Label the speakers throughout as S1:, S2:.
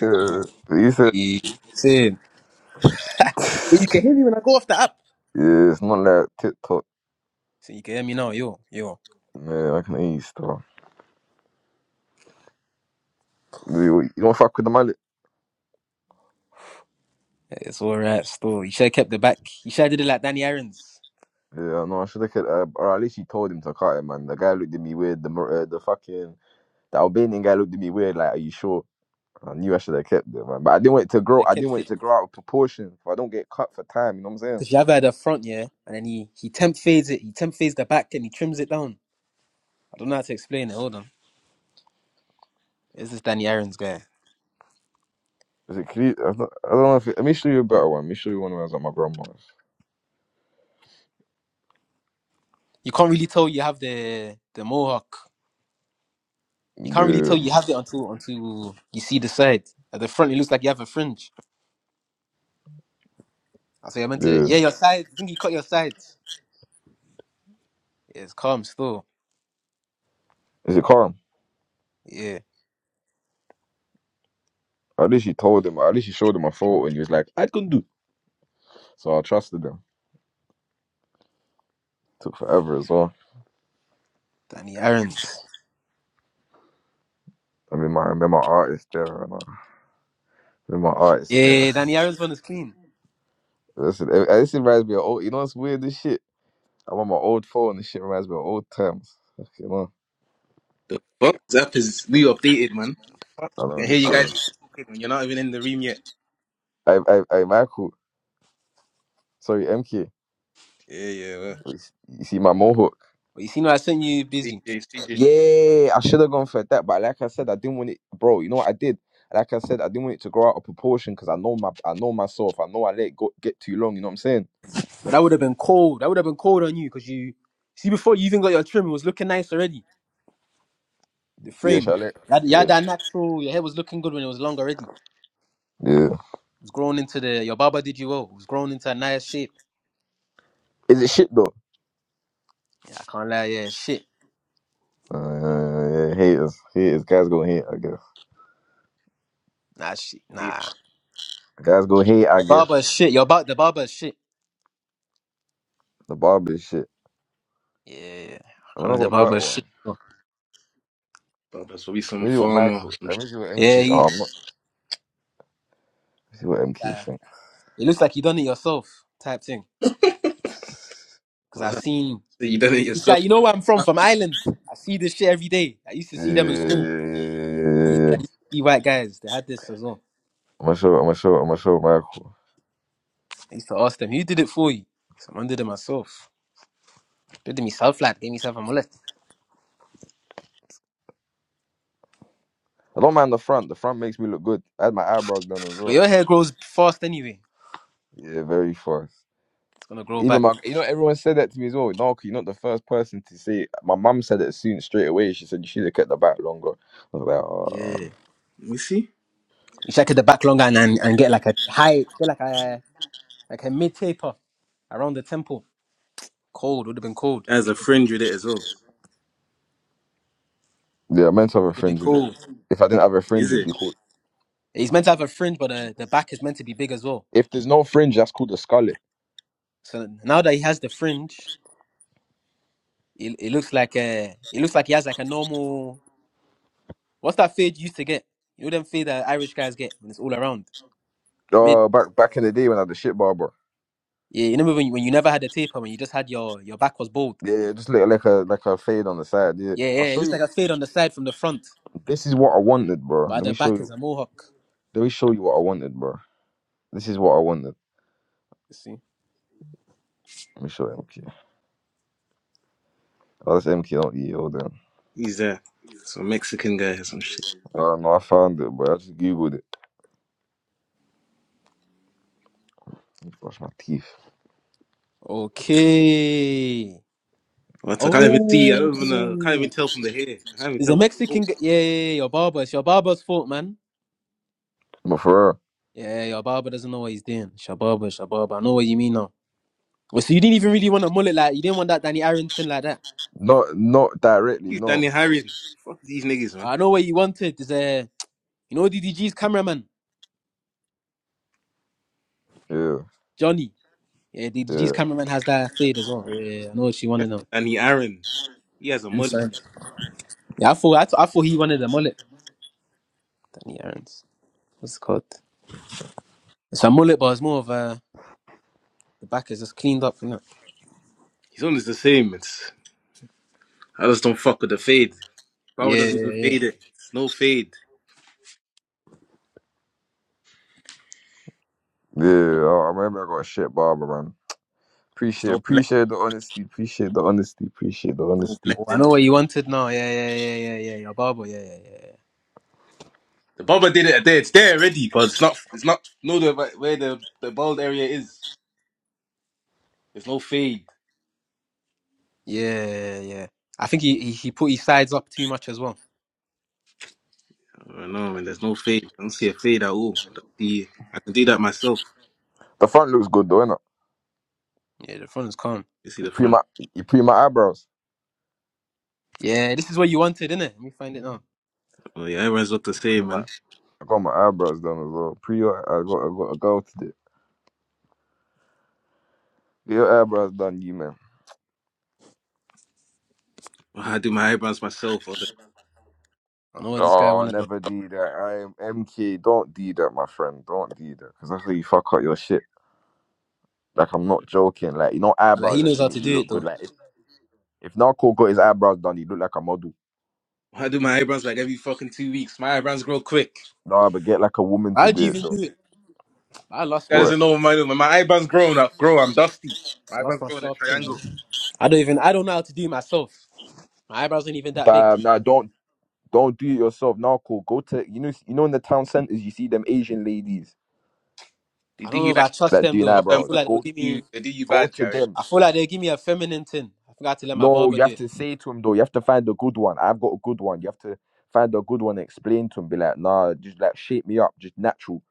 S1: Yeah, you said
S2: You saying? But you can hear me when I go off the app.
S1: yeah, it's not like TikTok.
S2: So you can hear me now, yo, yo.
S1: Yeah, I can eat stuff. You you don't fuck with the mullet.
S2: It's all right, still. You should have kept the back. You should have did it like Danny Aaron's.
S1: Yeah, no, I should have. Uh, or at least she told him to cut it, man. The guy looked at me weird. The Mor- uh, the fucking the Albanian guy looked at me weird. Like, are you sure? I knew I should have kept it, man. But I didn't want it to grow.
S2: I
S1: I didn't
S2: kept
S1: want it
S2: it
S1: to grow out of proportion. If I don't get cut for time, you know what I'm saying?
S2: because you have had a front, yeah, and then he he temp fades it. He temp fades the back and he trims it down. I don't know how to explain it. Hold on, is this Danny Aaron's guy?
S1: Is it clear? I don't, I don't know if it, let me show you a better one. Let me show you one when I was at my grandma's.
S2: You can't really tell you have the the mohawk. You can't really tell
S1: Yeah,
S2: you have it until until you see the side. At the front, it looks like you have a fringe. I say I meant to.
S1: yeah.
S2: Yeah, your sides. I think you cut your sides. Yeah, it's calm still.
S1: Is it calm?
S2: Yeah,
S1: At least she told him. At least she showed him a photo, and he was like, "I can do." So I trusted him. Took forever as well.
S2: Danny Aaron's.
S1: I mean, my remember my art is there, and uh, I my art is there.
S2: Yeah, Danny Aaron's one is clean.
S1: Listen, it, this reminds me of old. You know, it's weird. This shit. I'm on my old phone. This shit reminds me of old times. You know,
S3: The fuck? Zap is new updated, man.
S1: I don't
S3: I
S1: know
S3: can hear
S1: these
S3: you
S1: things.
S3: guys talking when you're not even in the room yet.
S1: I, I, I, Michael. Sorry, MK.
S3: Yeah, yeah. Well.
S1: You see my mohawk.
S2: But you see, no, I sent you busy.
S3: CJ, CJ,
S1: Yeah, I should have gone for that, but like I said, I didn't want it, bro. You know what I did? Like I said, I didn't want it to grow out of proportion because I know my, I know myself. I know I let it go get too long. You know what I'm saying?
S2: But that would have been cold. That would have been cold on you because you see before you even got your trim, it was looking nice already. The
S1: Yeah,
S2: frame,
S1: shall I
S2: you
S1: let?
S2: had, you had
S1: Yeah,
S2: that natural. Your hair was looking good when it was long already. It
S1: yeah.
S2: was grown into the. Your barber did you well. It was grown into a nice shape.
S1: Is it shit though?
S2: Yeah, I can't lie. Yeah, shit.
S1: Uh, yeah, haters, haters, guys gonna hate, I guess.
S2: Nah, shit.
S3: CJ.
S2: Nah,
S1: Guys gonna hate, I
S2: the
S1: guess.
S2: barber is shit. Your bar, the barber is shit.
S1: The barber shit.
S2: Yeah, I
S1: I mean,
S2: can't,
S1: I
S2: lie,
S1: got
S2: the
S1: a
S2: barber
S1: better
S2: is
S1: one.
S2: shit.
S3: Oh, there's probably
S1: Let
S3: some
S1: me see what
S3: farmer or
S1: Michael.
S3: some
S1: Let
S3: shit.
S1: me see what
S2: Yeah,
S1: MQ. Oh,
S2: he,
S1: I'm not. Let me see what MQ
S2: uh,
S1: think.
S2: it looks like you done it yourself type thing. Because
S3: Wow.
S2: I
S3: So
S2: seen.
S3: you done it
S2: This guy,
S3: yourself.
S2: you know where I'm from? From Ireland. I see this shit every day. I used to
S1: Yeah, yeah,
S2: see them in
S1: yeah, yeah,
S2: school.
S1: yeah.
S2: Yeah,
S1: yeah,
S2: I
S1: yeah.
S2: used to see white guys. They had this as well.
S1: I'm gonna show. I'm gonna show. I'm gonna show Michael.
S2: I used to ask them, who did it for you? Someone did it myself. Did it myself, lad. Gave myself a mullet.
S1: I don't mind the front. The front makes me look good. I had my eyebrows done as
S2: But
S1: well.
S2: your hair grows fast anyway.
S1: Yeah, very fast.
S2: It's gonna grow
S1: Even
S2: back.
S1: my, you know, everyone said that to me as well. No, you're not the first person to say. It. My mum said it soon straight away. She said you should have kept the back longer. I was like, oh.
S2: Yeah.
S3: We see.
S2: You should it the back longer and, and, and get like a high, get like a like a mid taper around the temple. Cold would have been cold.
S3: There's a friend with it as well.
S1: Yeah, I meant to have a
S2: Would have been
S1: fringe with it.
S2: cold.
S1: If I didn't have a
S3: Is
S1: fringe, it'd
S3: it?
S1: be called.
S2: He's meant to have a fringe, but uh, the back is meant to be big as well.
S1: If there's no fringe, that's called a scullet.
S2: So now that he has the fringe, It, it looks like a it looks like he has like a normal what's that fade you used to get? You know them fade that Irish guys get when it's all around mid.
S1: Uh, back back in the day when I had the shit barber.
S2: Yeah, you remember when you, when you never had a taper when you just had your your back was bald.
S1: Yeah, yeah, just like like a like a fade on the side. Yeah,
S2: Yeah, yeah,
S1: I'll
S2: it
S1: show
S2: looks
S1: you.
S2: like a fade on the side from the front,
S1: This is what I wanted, bro.
S2: but at
S1: Let
S2: the
S1: me show
S2: back is
S1: you.
S2: a mohawk.
S1: Let me show you what I wanted, bro. This is what I wanted.
S2: You see.
S1: Let me show MK. Oh, that's MK, not E. Hold on.
S3: He's there. Some Mexican guy or some shit.
S1: Oh no, I found it, bro. I just googled it. Let me brush my teeth.
S2: Okay.
S3: What? I can't even see. I don't even know. I can't
S2: Oh,
S3: even tell from the hair. I can't even
S2: is a
S3: tell from the
S2: Mexican.
S3: photo.
S2: g- Yeah, yeah, yeah, your barber. It's your barber's fault, man.
S1: But for real,
S2: Yeah, your barber doesn't know what he's doing. Shababa, shababa. I know what you mean now. Well, so you didn't even really want a mullet like you didn't want that Danny Arrington like that.
S1: not not directly,
S3: He's
S1: no.
S3: Danny Harren. Fuck these niggas, man.
S2: I know what you wanted. Is a you know D D G's cameraman
S1: Yeah,
S2: Johnny. Yeah, D D G's
S1: yeah,
S2: cameraman has that fade as well. Yeah, yeah, yeah. I know what you wanted
S3: That's
S2: now.
S3: Danny Aaron. He has a mullet.
S2: Inside. Yeah, I thought I, thought I thought he wanted a mullet. Danny Aaron's. What's it called? It's a mullet, but it's more of a the back is just cleaned up, isn't it?
S3: His own is the same. It's, I just don't fuck with the fade. Baba
S2: Yeah,
S3: doesn't even
S2: yeah, yeah.
S3: fade it. It's no fade.
S1: yeah.
S3: No,
S1: I I remember I got a shit barber, man.
S3: it's
S1: Appreciate,
S3: no blend.
S1: appreciate the honesty. Appreciate the honesty. Appreciate the
S3: No
S1: honesty.
S2: Oh, I
S3: blending.
S2: know what you wanted now. Yeah, yeah, yeah, yeah, yeah. yeah. Your barber. Yeah, yeah, yeah,
S3: The Baba did it there. It's there already, but it's not. It's not. No, the where the the bald area is. There's no fade.
S2: yeah, yeah, yeah. yeah. I think he, he he put his sides up too much as well.
S3: I don't know, man. There's no fade. I don't see a fade at all. I don't see. I can do that myself.
S1: The front looks good though, innit?
S2: Yeah, the front is calm.
S3: You see
S1: You
S3: the
S1: pre
S3: front.
S1: my, you pre my eyebrows.
S2: Yeah, this is what you wanted, innit? Let me find it now.
S3: Oh yeah, everyone's look the
S1: Pre
S3: same,
S1: my,
S3: man.
S1: I got my eyebrows done as well. Pre your, I got, I got a girl today. Get your eyebrows done, you man.
S3: I do my eyebrows myself. Or the,
S2: I know what this guy
S1: Oh,
S2: wanted.
S1: never do that. I am MK. Don't do that, my friend. Don't do that, because that's how you fuck up your shit. Like I'm not joking. Like you know,
S2: Like
S1: eyebrows
S2: he knows
S1: actually
S2: how
S1: make
S2: to
S1: you
S2: do
S1: look
S2: it
S1: good.
S2: though.
S1: Like if if Narco got his eyebrows done, he look like a model.
S3: I do my eyebrows like every fucking two weeks. My eyebrows grow quick.
S1: Nah, but get like a woman to
S2: How'd you
S1: do it
S2: even
S1: though.
S2: do it? I lost
S3: That
S2: my
S3: doesn't
S1: What?
S3: know what my when my eyebrows grow up. Grow. I'm dusty.
S2: I
S3: My
S2: lost
S3: eyebrows
S2: my
S3: grow in a
S2: sharp tin, man.
S3: triangle.
S2: I don't even I don't know how to do it myself. My eyebrows ain't even that big.
S1: Damn, nah, don't Don't do it yourself. Now, cool. Go to you know you know in the town centers you see them Asian ladies
S3: They
S2: I
S3: do
S2: don't know
S3: you
S2: if
S3: like
S2: I trust
S1: that
S2: them
S1: doing
S2: though.
S3: know
S2: I
S3: them
S2: feel
S1: eyebrows.
S3: ones.
S2: like they'll
S1: Go
S3: They
S2: give
S3: do you
S2: me
S3: they do you
S1: go
S3: bad,
S1: to
S3: Jerry.
S1: them.
S2: I feel like they'll give me a feminine tin. I forgot to let my
S1: No,
S2: barber
S1: you
S2: do
S1: have
S2: it.
S1: to say to them though. You have to find a good one. I've got a good one. You have to find a good one. And explain to them. Be like, nah, just like shape me up, just natural.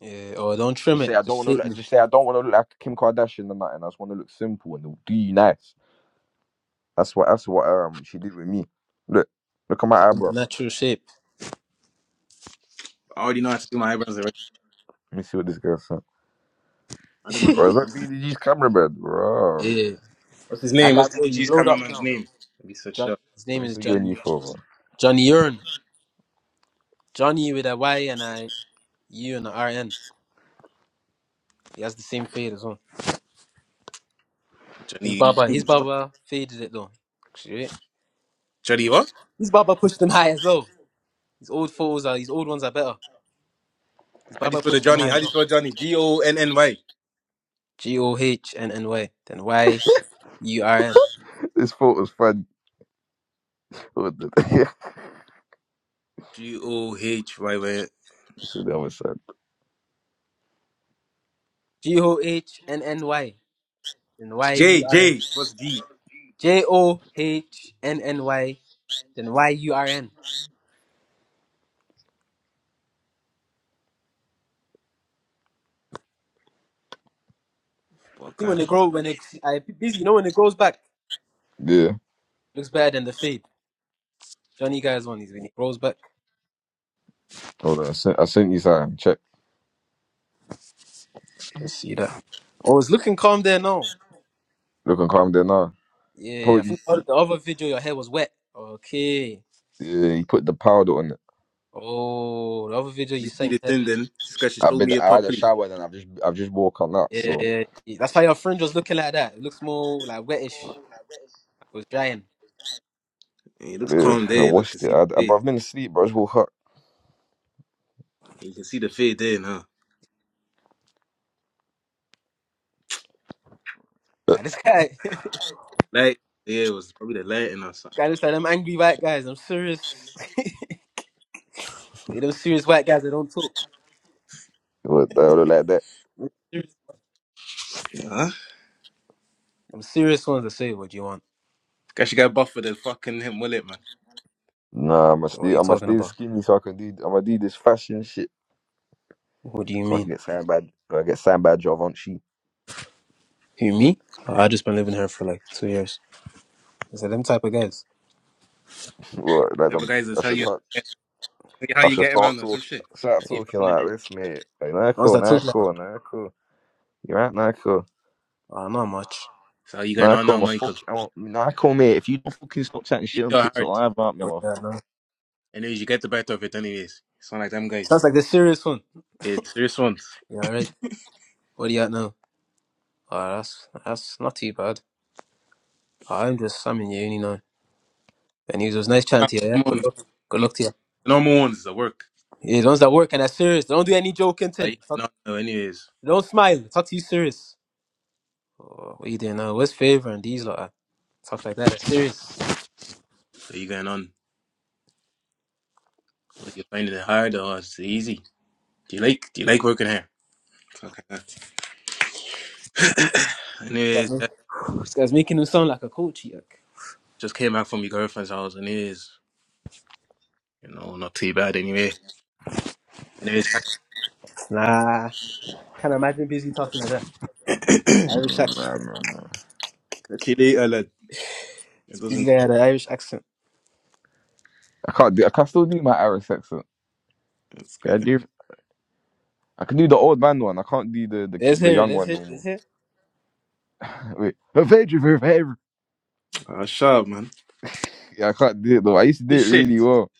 S2: Yeah, or don't trim
S1: Just
S2: it.
S1: say I don't
S2: Just
S1: want to
S2: shape
S1: look.
S2: me.
S1: Just say I don't want to look like Kim Kardashian or nothing. I just want to look simple and they'll do you nice. That's what that's what um she did with me. Look, look at
S2: to
S1: my
S2: the
S1: eyebrow.
S2: natural shape.
S3: I already know how to do my eyebrows already.
S1: Let me see what this girl said.
S3: I do my
S1: Bro, is that BDG's camera bed, bro?
S2: yeah.
S3: what's his
S2: That
S3: name?
S2: guy
S3: What's the
S2: blow he
S3: DDG's
S2: blowed up
S3: cameraman's
S2: now.
S3: name? Let me search
S2: John,
S3: up
S2: his name
S1: What is
S2: is
S1: he doing you
S2: Johnny
S1: for, bro?
S2: Johnny Urn. Johnny with a Y and a U and a R N. He has the same fade as well. His
S3: Johnny.
S2: barber his
S3: Mm, what?
S2: barber faded it though.
S3: Johnny what?
S2: These Baba pushed them high as well. These old photos are these old ones are better. These
S3: How do you
S2: Baba
S3: spell the
S2: pushed them
S3: Johnny?
S2: high
S3: How
S2: as
S3: do you
S2: well.
S3: spell Johnny? G O N N Y.
S2: G O H N N Y. Then Y U R N.
S1: This photo's funny. What the yeah.
S3: G O H Y Y.
S1: shit, that was sad.
S2: G O H N N Y. Then Y
S3: J
S2: U R N.
S3: J. What's G?
S2: J O H N N Y. Then Y U R N. I
S3: What
S2: Think
S3: kind?
S2: when they grow when it I busy, you know when it grows back.
S1: Yeah.
S2: Looks better than the fade. Don't you guys want these when it grows back?
S1: Hold on. I sent, I sent you something. Check.
S2: Let's see that. Oh, it's looking calm there now.
S1: Look and calm there now.
S2: Yeah, I
S1: Probably.
S2: think the other the other video your hair was wet. Okay.
S1: Yeah, he put the powder on it.
S2: Oh, the other video
S3: Let
S2: you
S3: me see
S2: sent.
S3: the thing then. This guy should
S1: I've
S3: show
S1: been.
S3: me it
S1: I had a
S3: properly.
S1: shower and I've just. I've just woke up now.
S2: Yeah,
S1: So
S2: yeah, yeah. That's why your fringe was looking like that. It looks more like wettish. It was drying.
S3: And it looks
S1: yeah,
S3: calm
S1: I
S3: there. Look, you can
S1: washed it.
S3: see the
S1: I, I, bro,
S3: fade.
S1: I've been asleep, bro. I just woke up.
S3: You can see the fade there now.
S2: Man, this guy, this
S3: Light. Yeah, it was probably the lighting or something.
S2: guy looks like them angry white guys. I'm serious. They them serious white guys. They don't talk.
S1: What the hell like that?
S2: Serious.
S3: Huh? This
S2: Them serious ones that say, "What do you want?
S3: guy should got buff for the fucking him mullet, man.
S1: Nah, I'ma
S2: What are
S1: stay.
S2: you
S1: I'ma
S2: talking
S1: stay
S2: about?
S1: skinny so I can do. I'ma do this fashion shit
S2: What do you
S1: so I can
S2: mean?
S1: get signed by. so I get signed by Givenchy.
S2: Who me? Oh, I just been living here for like two years." It's like them type of guys.
S1: Look, like
S3: Every
S1: I'm,
S3: guy's gonna
S1: I
S3: tell
S1: should talk.
S3: you. See how
S1: I
S3: you
S1: should
S3: getting
S1: start
S3: on or
S1: talking.
S3: some shit.
S1: Start
S3: You
S1: talking
S3: found
S1: like
S3: it.
S1: this, mate. Like, nah,
S2: The ones
S1: cool,
S2: that
S1: nah,
S2: talk like,
S1: cool, nah, cool. You right, nah, cool.
S2: "Oh, not much.
S3: So you going
S1: Nah, I
S3: on
S1: call
S3: now,
S1: my fuck.
S3: Michael.
S1: I want, nah, I call me. If you don't fucking stop chatting
S3: Easy
S1: shit on
S3: or
S1: TikTok
S3: hard.
S1: live about me, I'm
S2: What
S1: a,
S2: do you at now?"
S3: Anyways, you get the better of it anyways. It's not like them
S2: Sounds
S3: guys.
S2: like the serious one.
S3: It's serious ones.
S2: Yeah, right. What do you at now? Oh, that's that's not too bad. Nah, I'm just I'm in uni now. And he was nice chatting
S3: Not
S2: to you, yeah?
S3: them
S2: Good
S3: ones.
S2: luck. Good luck to you.
S3: Normal ones that work.
S2: Yeah, the ones that work and that's serious. they Don't do any joking.
S3: Are
S2: Tin.
S3: you
S2: Fuck.
S3: getting on now anyways?
S2: they Don't smile. Talk to you serious. Oh, what you doing now? Where's favor and these lot? are- Talk like that. That's serious. This
S3: So you going on. So like, you finding it hard or it's easy. Do you like do you like working here? Fuck that.
S2: guy's
S3: anyways, yeah,
S2: ma- this guy's making him sound like a coach. Yuck.
S3: just came back from your girlfriend's house anyways. You know, not too bad anyway. Anyways, catch
S2: Nah. Can't imagine busy talking like that.
S3: catch
S2: Irish
S1: nah,
S2: accent.
S1: nah, nah.
S3: you later, lad. It
S2: This busy
S3: doesn't
S2: guy had an Irish accent.
S1: I can't do. I can still do my Irish accent.
S3: it's
S1: Yeah, I
S3: good.
S1: do. I can do the old man one. I can't do the the ki-
S2: Let's
S1: the
S2: hear it.
S1: young
S2: Let's
S1: one
S2: hear
S1: no
S2: Let's
S1: more.
S2: hear
S1: Wait, a favor, for favor.
S3: Ah, sharp man.
S1: Yeah, I can't do it though. I used to do it
S3: Shit.
S1: really well.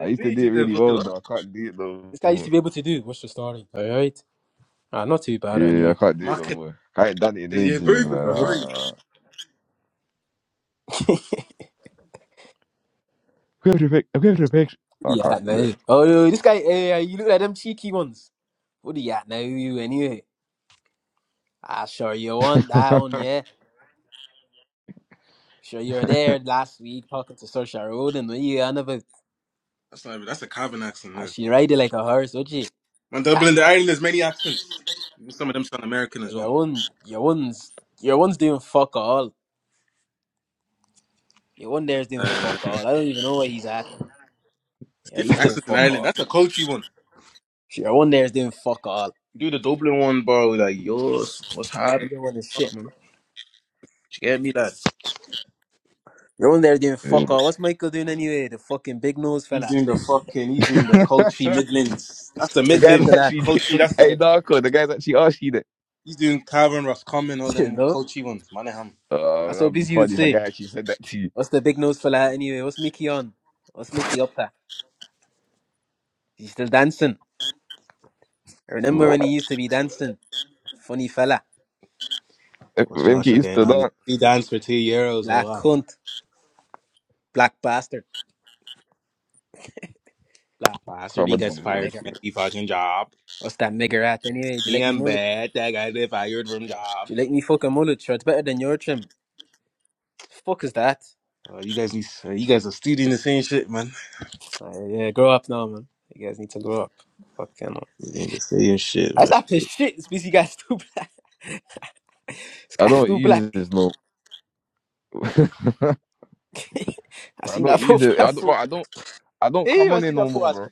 S1: I used
S3: Who
S1: to
S3: you
S1: do it
S3: did that
S1: really
S3: for?
S1: well
S3: Huh?
S1: though. I can't do it no
S2: This guy used to
S1: more.
S2: be able to do. What's the story? All right. Ah, not too bad
S1: Yeah, I
S2: anyway.
S1: can't do it
S3: My
S1: no
S3: kid
S1: more. I ain't done it in
S3: says, yeah,
S1: ages,
S3: very
S1: man.
S3: good for
S2: Good luck.
S3: free.
S1: Uh, I
S2: Yeah,
S1: can't do it.
S2: no. Oh, no, this guy, eh, you look like them cheeky ones. What do you at now, you anyway? Ah, sure you want that one, yeah. Sure you were there last week talking to Saoirse Ronan, were you? And about,
S3: That's not even, that's a Calvin accent
S2: ah,
S3: there.
S2: she ride it like a horse, would she?
S3: When Dublin to Ireland, there's many accents. Even some of them sound American as well.
S2: your one, your one's, your one's doing fuck all. Your one there's doing
S3: Uh,
S2: fuck all. I don't even know where he's at.
S3: it's
S2: Yeah, he's
S3: different
S2: doing
S3: accents in
S2: fuck
S3: Ireland.
S2: all.
S3: That's a coachy one.
S2: Sure, Your one there's doing fuck all.
S3: Do the Dublin one, bro. Like, yours, what's happening?
S2: Everyone is
S3: Oh,
S2: shit, man.
S3: you get me, lad?
S2: Your one there's doing
S1: Yeah.
S2: fuck all. What's Michael doing anyway? The fucking big nose
S3: He's
S2: fella.
S3: doing the fucking, he's doing the coachy Midlands. That's the
S1: the
S2: What's
S1: guy's
S2: Michael
S3: Midlands.
S2: at?
S1: actually,
S3: Coachy, that's
S1: hey
S3: like,
S1: Narco, the guy's actually asked you that.
S3: he's doing Calvin, Roscommon, all
S2: you
S3: them
S2: know.
S3: coachy ones. Manningham.
S2: I
S1: Uh,
S2: so
S1: that'd be
S2: busy with
S1: funny if a guy
S2: saying,
S1: actually said that to you.
S2: what's the big nose fella anyway? What's Mickey on? What's Mickey up to? He's still dancing. I remember
S1: What?
S2: when he used to be dancing. Funny fella.
S1: If
S3: What's
S1: MK
S3: Joshua
S1: used
S3: getting
S1: to
S3: on?
S1: that.
S3: He danced for two euros or
S2: black
S3: what?
S2: cunt. Black bastard.
S3: Like
S1: I
S3: bastard,
S1: can't
S3: he
S1: imagine
S3: gets
S1: this
S3: fired from
S2: Nigger.
S1: MK.
S3: every fucking job.
S2: What's that nigger at anyway? Do you
S3: Me,
S2: like me
S3: I'm
S2: mullet?
S3: bad. That guy get fired from job.
S2: Do you like me fucking mullet? Sure, it's better than your trim. Fuck is that?
S3: Uh, you guys need. Uh, you guys are still doing the same shit, man.
S2: Uh, yeah, grow up now, man. You guys need to grow up. Fucking hell.
S3: You need the same shit, man.
S2: That's not his shit. This busy guy's too black. This
S1: I
S2: guy's
S1: don't
S2: too black.
S1: use this no.
S2: I
S1: I
S2: seen
S1: don't
S2: that
S1: use it. I don't.
S2: photo.
S1: bro, I don't. I don't
S2: Hey,
S1: come
S2: I
S1: on it
S2: seen
S1: no
S2: that photo. I
S1: more,
S2: was,
S1: bro.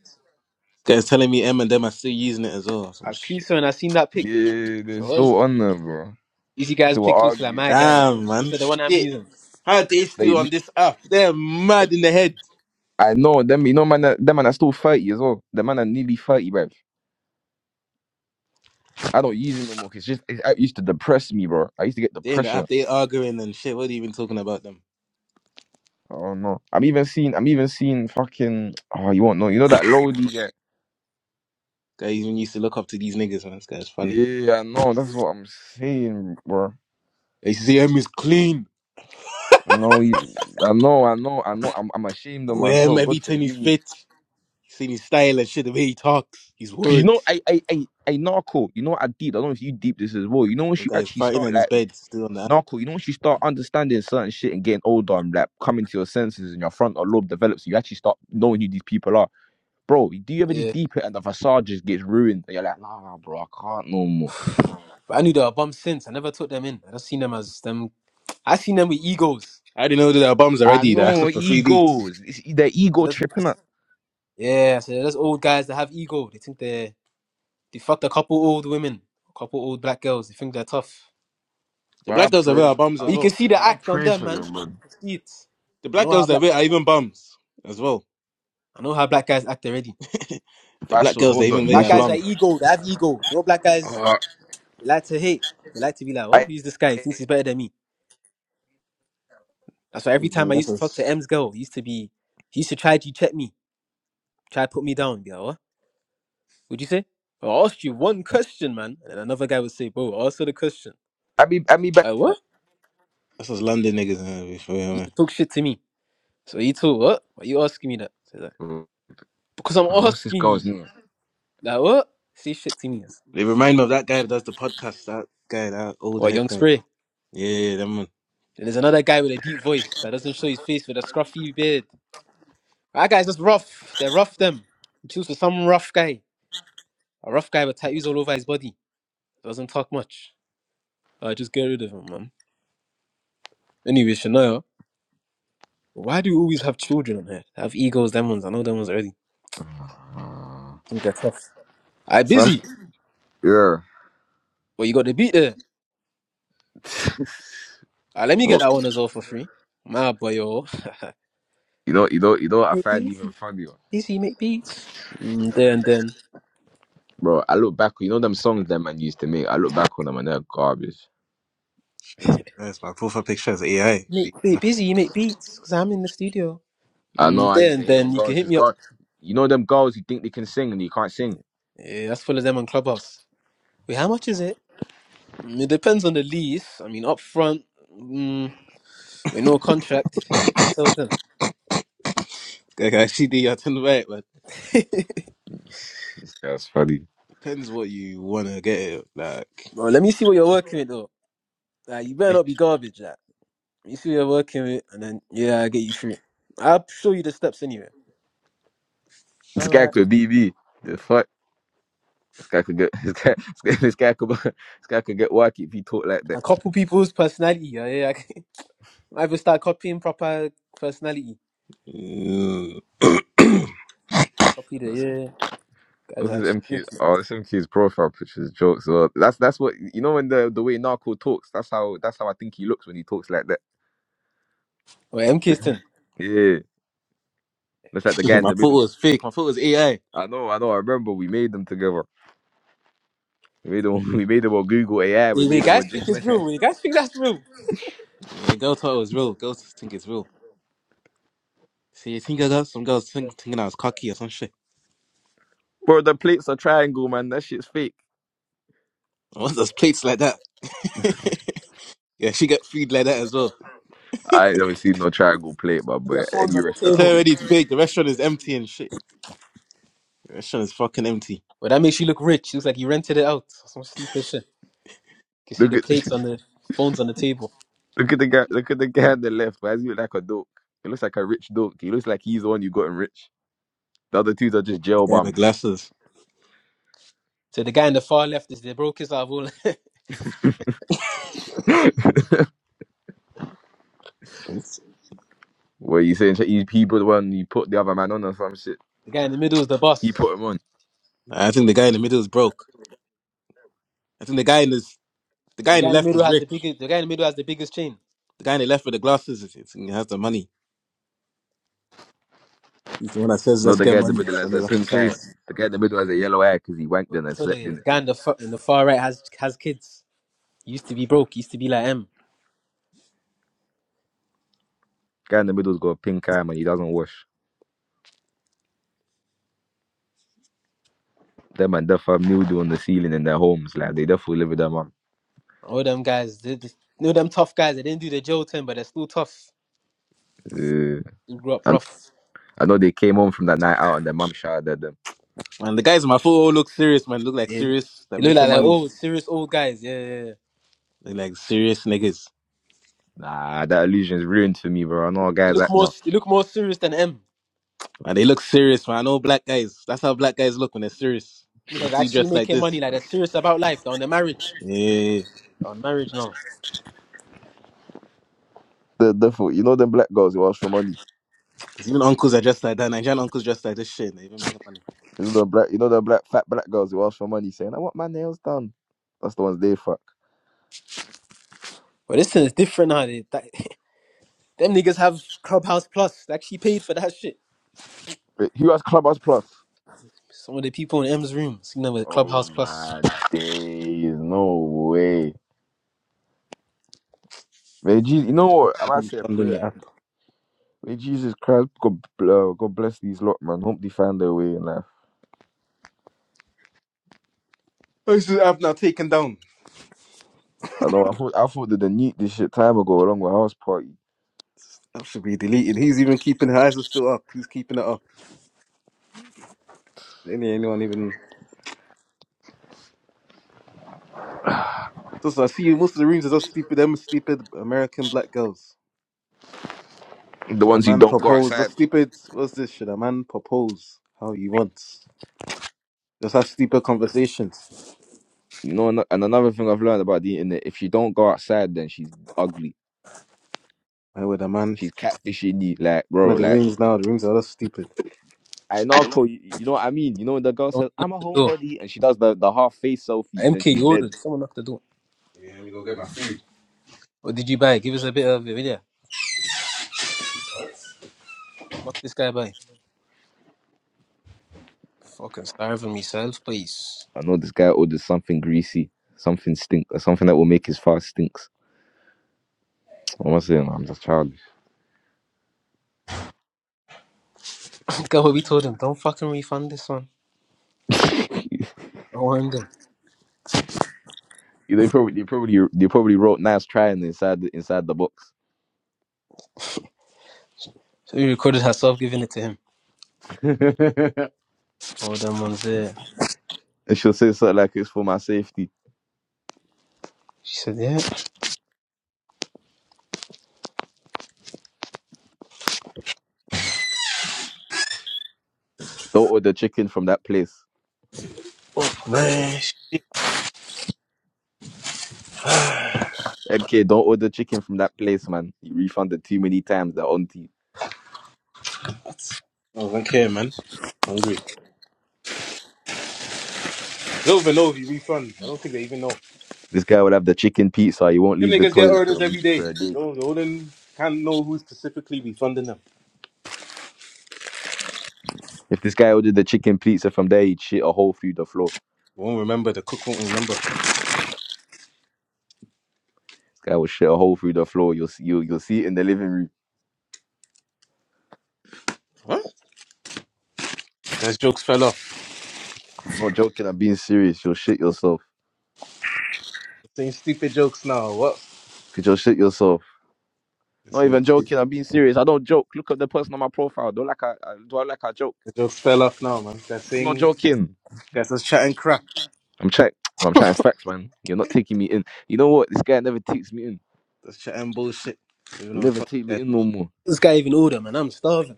S3: You guys telling me M and them are still using it as well.
S2: I
S3: Some
S2: was
S3: shit.
S2: creasing when I seen that pic.
S1: Yeah, they're
S2: So what?
S1: still on there, bro.
S2: These you guys
S1: They were
S2: pick looks like
S1: arguing.
S2: my guy.
S3: Damn,
S2: Looks
S3: man.
S2: like the one I'm
S3: Shit.
S2: using.
S3: How are they
S1: Like
S3: still on this app? They're mad in the head.
S1: I know them. You know, man. That, that man are still thirty as well. The man are nearly thirty, bro. I don't use it no more. 'cause it's just it it used to depress me, bro. I used to get
S3: They in the
S1: depression.
S3: app. They arguing and shit. What are you even talking about them?
S1: Oh no. I'm even seeing. I'm even seeing fucking. Oh, you won't know. You know that Lodi guy.
S3: Guys even used to look up to these niggas, man. This guy's funny.
S1: Yeah, I know. That's what I'm saying, bro.
S3: They used to say M is clean.
S1: No, you, I know, I know, I know. I'm, I'm ashamed of
S3: Oh, M,
S1: myself. God
S3: everything
S1: forgive
S3: he's
S1: me.
S3: fit. You Seen his style and shit, the way he talks, his
S1: Cause you know,
S3: words.
S1: I, I, I, I narco. You know what I did? I don't know if you deep this as well. You know, once
S3: The
S1: you
S3: guy's
S1: actually
S3: fighting
S1: start
S3: on his
S1: like
S3: bed, still on that.
S1: narco, you know, once you start understanding certain shit and getting older and like coming to your senses and your frontal lobe develops, you actually start knowing who these people are, bro. Do you ever just
S2: Yeah.
S1: deep it and the facade just gets ruined? And you're like, nah, bro, I can't no more.
S2: But I knew they were bums since. I never took them in. I just seen them as them. I seen them with egos.
S3: I didn't know that our bums are
S1: I
S3: ready. They're
S1: know
S3: asking for free beats.
S1: egos. It's e, the
S2: So
S1: ego
S2: that's,
S1: tripping
S2: yeah, so those old guys that have ego. They think they they fucked a couple old women, a couple old black girls. They think they're tough.
S3: The
S1: But I
S3: black girls that wear
S1: pray,
S3: our bums
S2: But
S3: as
S1: I,
S2: you can
S3: well.
S2: see the
S1: bro, I
S2: act on
S1: pray
S2: them,
S1: for
S2: man.
S1: them, bro.
S2: I see it.
S3: The
S2: I
S3: black
S2: know how
S3: girls that
S2: black
S3: wear are
S2: guys act.
S3: even bums as well.
S2: I know how black guys act already.
S1: If
S3: The
S1: I
S3: black
S1: should
S3: girls that
S1: hold on, let
S3: even
S1: me
S3: wear
S2: Black
S3: our
S1: show.
S2: guys are
S3: bums.
S2: ego. They have ego. No black guys
S1: Uh,
S2: they like to hate. They like to be like, oh,
S1: I,
S2: who's this guy? He thinks he's better than me. That's why every
S3: You
S2: time I
S3: that's
S2: used to talk to
S3: us.
S2: M's girl, he used to be, he used to try to check me, try to put me down. Be like, what? Would you say? I asked you one question, man. And another guy would say, bro, answer the question.
S1: I be, I be back.
S2: I like, what?
S3: That's us London niggas. Man, before, yeah,
S2: He used
S3: man.
S2: to talk shit to me. So he told, what? Why you asking me that? So he's like,
S1: Uh,
S2: because I'm
S1: what's this
S2: asking
S1: girl's
S2: you.
S1: name?
S2: Like, what? Say shit to me.
S3: They remind me of that guy that does the podcast. That guy, that old
S2: What,
S3: head
S2: young
S3: guy.
S2: spray?
S3: Yeah, yeah, that man.
S2: Then there's another guy with a deep voice that doesn't show his face with a scruffy beard. That guy's just rough. They're rough, them. He choose for some rough guy. A rough guy with tattoos all over his body. Doesn't talk much. I just get rid of him, man. Anyway, Shania, why do you always have children on here? Have egos, them ones. I know them ones already.
S1: Uh,
S2: think they're tough. I busy,
S1: something. Yeah.
S2: but you got the beat there. Ah, let me get
S1: well,
S2: that one as well for free. My boy, yo.
S1: you know, you know, you know. What I
S2: Make
S1: find even
S2: busy,
S1: funnier,
S2: busy, you make beats. Mm, then, then.
S1: bro. I look back. You know them songs that man used to make. I look back on them and they're garbage.
S3: That's, that's my profile picture is AI.
S2: Make, be busy, you make beats, because I'm in the studio.
S1: I know.
S2: Mm,
S1: I used
S2: then,
S1: to hate on
S2: then, you
S1: girls
S2: can hit
S1: because
S2: me up.
S1: God, you know them girls who think they can sing and you can't sing.
S2: Yeah, that's full of them on Clubhouse. Wait, how much is it? Mm, it depends on the lease. I mean, up front, mm, with no contract. I tell them.
S3: Like, I see the I turn right, but
S1: That's funny.
S3: depends what you wanna get. Like,
S2: Well, let me see what you're working with, though. Like, you better
S3: eh.
S2: not be garbage. That you see, you're working with, and then yeah, I get you through. I'll show you the steps anyway.
S1: This
S2: All
S1: guy
S2: right.
S1: could be me. The fuck. This guy could get this guy this guy could this guy could get work if he talked like
S2: A
S1: that.
S2: couple people's personality. Yeah, yeah. I I will start copying proper personality.
S3: Mm.
S2: Copy the
S1: What's
S2: yeah. yeah, Guys,
S1: what's his
S2: actually.
S1: MQ? Oh, this MQ's profile pictures jokes. Well, that's that's what you know when the the way Narco talks. That's how that's how I think he looks when he talks like that.
S2: Wait, MK's turn.
S1: Yeah, that's like the guy in
S3: my
S1: the middle.
S3: photo is fake. My photo is AI.
S1: I know, I know. I remember we made them together. We made them. We made them on Google AI. We
S2: You you
S1: made them
S2: guys
S1: on
S2: think
S1: Gemini.
S2: it's real? You guys think that's real?
S3: Yeah, girls thought it was real. Girls think it's real. See, you think I got some girls think, thinking I was cocky or some shit.
S1: Bro, the plates are triangle, man. That shit's fake.
S3: I want those plates like that. yeah, she got food like that as well.
S1: I ain't never seen no triangle plate, but
S2: See Their
S1: but
S2: phones
S1: any
S2: on the
S1: restaurant
S3: It's
S1: I've
S2: table.
S1: been
S3: already
S1: to,
S3: fake. The restaurant is empty and shit. The restaurant is fucking empty.
S2: Well, that makes you look rich. Looks like you rented it out. Some stupid shit. You can see
S1: look
S2: the
S1: at
S2: plates on the phones on the table.
S1: Look at the guy. Look at the guy on the left. Why does he look like a dope? He looks like a rich dope. He looks like he's the one you got enriched. The other two are just
S3: The
S1: jail
S3: guy with
S1: bums.
S3: glasses.
S2: So the guy in the far left is the brokest out of all.
S1: Where you saying he he put one, you put the other man on or some shit.
S2: The guy in the middle is the
S1: He
S2: boss.
S1: put him on.
S3: I think the guy in the middle is broke. I think the guy in this, the
S2: But
S3: guy
S2: the
S3: in
S2: guy
S3: the
S2: in the
S3: left
S2: middle
S3: is
S2: has the
S3: rich.
S2: biggest. The guy in the middle has the biggest chain.
S3: The guy in the left with the glasses is, is- he has the money. He's the one that says,
S1: No,
S3: "Let's
S1: the
S3: get
S1: guy in the
S3: money."
S1: middle
S3: So
S1: has
S3: they're
S1: a
S3: actually
S1: pink eye.
S3: serious.
S1: The guy in the middle has a yellow eye because he wanked in and
S2: So
S1: slept
S2: the
S1: in it.
S2: guy in the, far, in the far right has has kids. He used to be broke. He used to be like M.
S1: Guy in the middle's got a pink eye man. He doesn't wash. Them man def have mildew on the ceiling in their homes. Like they definitely live with their mum.
S2: All them guys, they, they, you know them tough guys. They didn't do the jail term, but they're still tough.
S1: Uh,
S2: They grew up
S1: and
S2: rough.
S1: I know they came home from that night out and their mum shouted at them.
S3: And the guys in my photo all look serious, man. Look like
S2: Yeah.
S3: serious. They're
S2: They look like
S3: making
S2: like
S3: money.
S2: old, serious old guys. Yeah, yeah, yeah.
S3: They're like serious niggas.
S1: Nah, that illusion's ruined for me, bro. I know
S2: They
S1: guys
S2: look
S1: act
S2: more
S1: now.
S2: they look more serious than M.
S3: Man, they look serious, man. I know black guys. That's how black guys look when they're serious.
S2: You
S3: They
S2: know,
S3: can
S2: they're
S3: see you
S2: actually
S3: dressed like
S2: making money.
S3: this.
S2: Like they're serious about life. They're on their marriage.
S3: Yeah.
S2: They're on marriage now.
S1: The, the fool, you know them black girls who ask for money.
S3: Because even uncles are dressed like that. Nigerian uncles dressed like this shit. They even make up money.
S1: You know the black, you know the black fat black girls who ask for money, saying, "I want my nails done." That's the ones they fuck.
S2: But this thing is different now. They, that, them niggas have Clubhouse Plus. They actually paid for that shit.
S1: Wait, who has Clubhouse Plus?
S2: Some of the people in M's rooms, you know, with
S1: Oh
S2: Clubhouse Plus.
S1: my days, no way. May Jesus,
S3: They-
S1: you
S3: they
S1: know
S3: don't
S1: what? i
S3: copy
S1: might say a
S3: from them, the
S1: prayer.
S3: app.
S1: May Jesus Christ, God, uh, God bless these lot, man. Hope they find their way in life.
S3: Oh, this is the app now taken down.
S1: I know. I thought I thought that they need this shit time ago, along with house party.
S3: That should be deleted. He's even keeping her eyes are still up. He's keeping it up. Any anyone even so, so I see most of the rooms are just stupid them stupid American black girls.
S1: The
S3: Should a
S1: ones who
S3: man
S1: don't go
S3: propose? The
S1: outside.
S3: stupid what's this? Should a man propose how he wants? Just have stupid conversations.
S1: You know, and and another thing I've learned about the internet: if she don't go outside, then she's ugly.
S3: Why would a man?
S1: She's catfishing you, like
S3: Looking
S1: bro,
S3: at the
S1: like
S3: rings now. The rings are all stupid.
S1: I know, Uncle, you, you know what I mean. You know when the girl
S2: Don't
S1: says
S2: know
S1: I'm a
S2: what to
S1: homebody and she does the the half face selfie, then
S2: MK,
S1: she's
S2: you
S1: dead.
S2: ordered. Someone knocked the door.
S3: Yeah, let me go get my food.
S2: What did you buy? Give us a bit of a video. What this guy buy? Fucking starving myself, please.
S1: I know this guy orders something greasy, something stink, or something that will make his fast stinks. What am I saying? I'm just childish.
S2: Look at what we told him. Don't fucking refund this one. I want him.
S1: they probably they probably they probably wrote nice trying inside the, inside the box.
S2: So he recorded herself giving it to him.
S1: and
S2: All them ones there.
S1: she'll say something like it's for my safety.
S2: She said, yeah.
S1: Don't order chicken from that place.
S3: Man, sh-
S1: MK, don't order chicken from that place, man. You refunded too many times. They're on to you.
S3: I don't care, man. Hungry. They don't even know if you refund. I don't think they even know.
S1: This guy would have the chicken pizza. He won't
S3: Them
S1: leave the
S3: niggas get
S1: toilet for
S3: orders
S1: a, m-
S3: every
S1: for
S3: day.
S1: a day.
S3: No, they wouldn't can't know who specifically refunding them.
S1: If this guy ordered the chicken pizza from there, he'd shit a hole through the floor.
S3: They won't remember. The cook won't remember.
S1: This guy will shit a hole through the floor. You'll see, you'll, you'll see it in the living room.
S3: What? Those jokes fell off.
S1: I'm not joking. I'm being serious. You'll shit yourself.
S3: They're saying stupid jokes now. What?
S1: Cause you'll shit yourself.
S3: They're
S1: Not
S3: saying
S1: even
S3: stupid.
S1: joking. I'm being serious. I don't joke. Look at the person on my profile. Don't like I, I do I like I joke.
S3: The jokes fell off now, man. They're
S1: I'm not
S3: saying
S1: joking.
S3: guys, that's chatting crap.
S1: I'm check. I'm chatting facts, man. You're not taking me in. You know what? This guy never takes me in.
S3: That's chatting bullshit. Even
S1: He
S3: though the
S1: never
S3: fuck
S1: take me
S3: guys.
S1: in no more.
S2: This guy even order, man. I'm starving.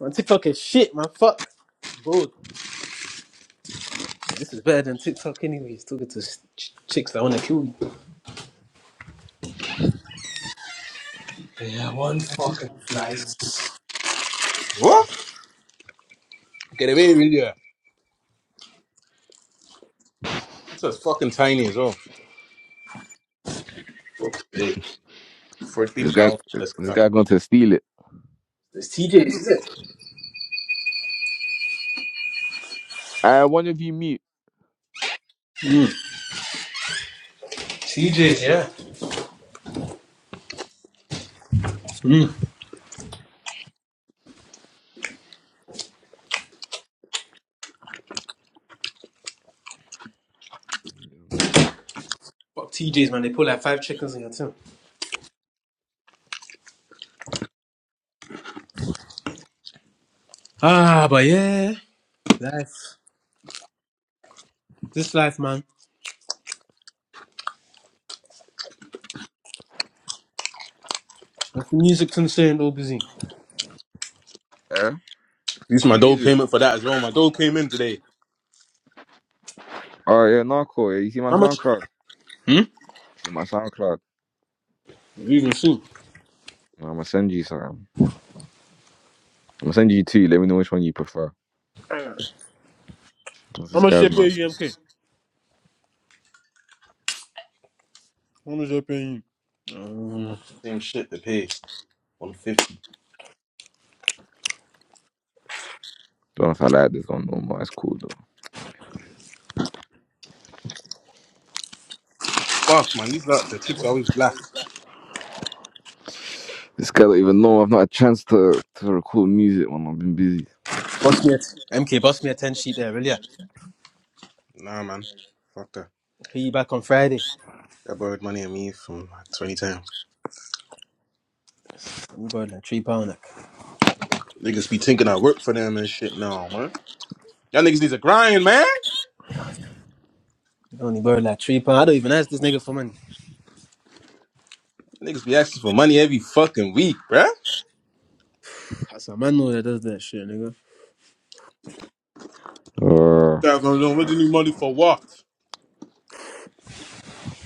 S2: On TikTok is shit, man. Fuck. Bro, yeah, this is better than TikTok anyway. It's talking to s- ch- chicks that want to kill you. Yeah, one
S3: Fucking
S2: fucking flight.
S3: nice.
S2: It's
S3: What? Get away with you. It's as fucking tiny as well. Hey, Fourteen
S1: This guy,
S3: pounds for this
S1: this
S3: crap.
S1: guy going to steal it.
S3: It's
S2: TJ,
S3: TJ, is
S2: is it?
S3: it?
S1: Uh, one of you mute.
S2: TJ's, yeah. Fuck TJ's, man. They put like five chickens in your team. Ah, but yeah, life. This life, man. Like the music concerned, all busy.
S1: Eh?
S3: This is my
S1: No,
S3: dole
S1: he's it.
S3: payment for that as well. My dole came in today.
S1: Oh yeah, Narco. Yeah. You see my
S2: How much?
S1: SoundCloud? You
S2: Hmm?
S1: see my SoundCloud?
S2: Even soon.
S1: I'm gonna send you some. I'm gonna send you two. Let me know which one you prefer. What's
S2: How
S1: This
S2: much they
S1: guy's
S2: pay
S1: man.
S2: you, MK? How much they pay you? Um,
S3: Same shit to pay. One fifty.
S1: Don't know if I like this one no more. It's cool though.
S3: Fuck man, these like the chips are always black.
S1: This guy don't even know. I've not had a chance to to record music when I've been busy.
S2: boss me a MK, boss me a 10 sheet there, really? yeah.
S3: Nah man. Fuck that.
S2: Pay you back on Friday.
S3: I borrowed money on me from like twenty times.
S2: You borrowed like three pound. Like.
S3: Niggas be thinking I work for them and shit now, man. Y'all niggas need to grind, man.
S2: I only borrowed like three pound. I don't even ask this nigga for money.
S3: Niggas be asking for money every fucking week, bruh.
S2: That's a man know that does that shit, nigga.
S1: Uh,
S3: Guys don't know what they need money for what?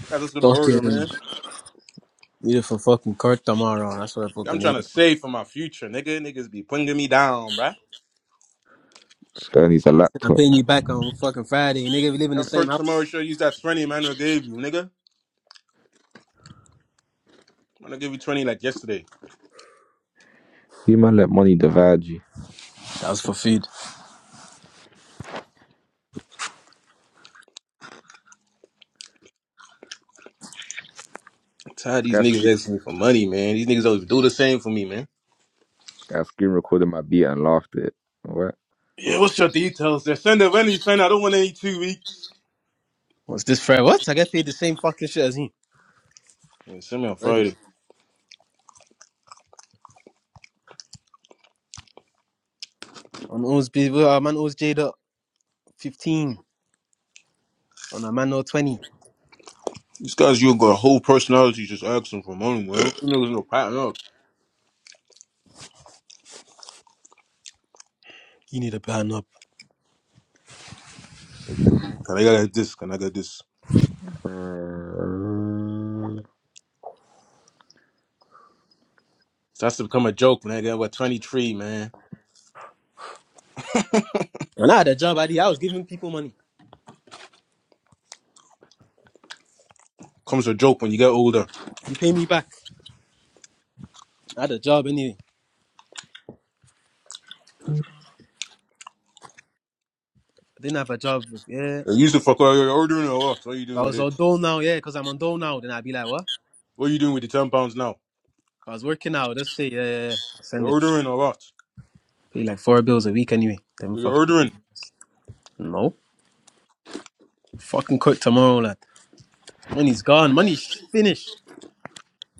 S3: Guys just gonna order,
S2: Fucking
S3: man.
S2: need it for fucking court tomorrow. That's what I fucking
S3: I'm trying
S2: need.
S3: to
S2: it
S3: save for my future, nigga. Niggas be putting me down, bruh.
S1: this guy needs a
S2: I'm
S1: laptop.
S2: paying you back on fucking Friday. Nigga, we live in the
S3: Of
S2: same
S3: course, tomorrow
S2: house.
S3: sure use that 20 Manuel gave you, nigga. I'm gonna give you 20 like yesterday.
S1: You man let money divide you.
S2: That was for food.
S3: I'm tired of
S1: This
S3: these
S1: guy
S3: niggas
S1: screen,
S3: asking me for money, man. These niggas always do the same for me, man.
S1: this guy screen recorded my beat and laughed at it. What?
S3: Yeah, what's your details there? Send it when you send I don't want any two weeks.
S2: What's this Friday? What? I get paid the same fucking shit as him.
S3: Man, send me on
S2: Already.
S3: Friday.
S2: On owes people, our man owes Jada 15. On a man owe 20.
S3: These guys, you got a whole personality just asking for money, man. You niggas no pattern up.
S2: You need a burn up.
S3: Every week. Can I get like this? Can I get this?
S1: Uh,
S3: Starts to become a joke man. I got what 23, man.
S2: And I had a job, Adi. I was giving people money.
S3: Comes a joke when you get older.
S2: You pay me back. I had a job anyway.
S3: You
S2: I didn't have a job. Yeah.
S3: used to fuck out. You're ordering or what? What are you
S2: I
S3: doing with
S2: was on
S3: it?
S2: dole now, yeah, because I'm on dole now. Then I'd be like, what? If
S3: What are you doing with the 10 pounds now?
S2: I was working out, let's say, yeah, yeah, yeah. I'll
S3: You're
S2: send it.
S3: ordering or what?
S2: Pay like four bills a week anyway. Then
S3: You're
S2: fuck.
S3: ordering.
S2: No. Fucking quit tomorrow, lad. Money's gone. Money's finished.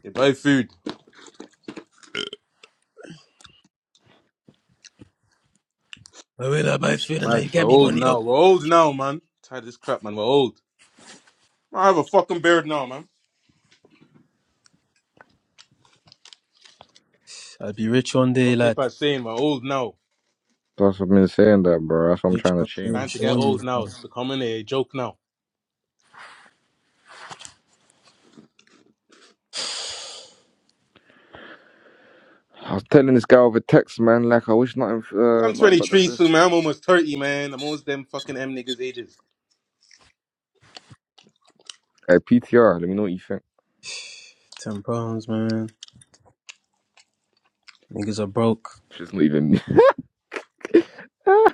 S3: They buy food.
S2: I will I buy food and I
S3: Mate,
S2: get
S3: we're
S2: me
S3: old
S2: money up.
S3: now. We're old now, man. Tired of this crap, man. We're old. I have a fucking beard now, man.
S2: I'll be rich one day,
S3: What
S2: lad.
S3: people are saying, we're old now.
S1: that's what I've been saying, that bro. That's what I'm
S2: Rich
S1: trying to
S2: one day,
S1: change.
S2: I'm
S3: Time to get
S2: showing you.
S3: old now.
S2: Man.
S3: It's becoming a joke now.
S1: I was telling this guy over text, man. Like I wish nothing, uh,
S3: I'm
S1: nothing but the
S3: 23
S1: best.
S3: soon, man. I'm almost 30, man. I'm almost them fucking M niggas ages.
S1: Hey, PTR, let me know what you think.
S2: Ten pounds, man. Niggas are broke.
S1: She's not even me.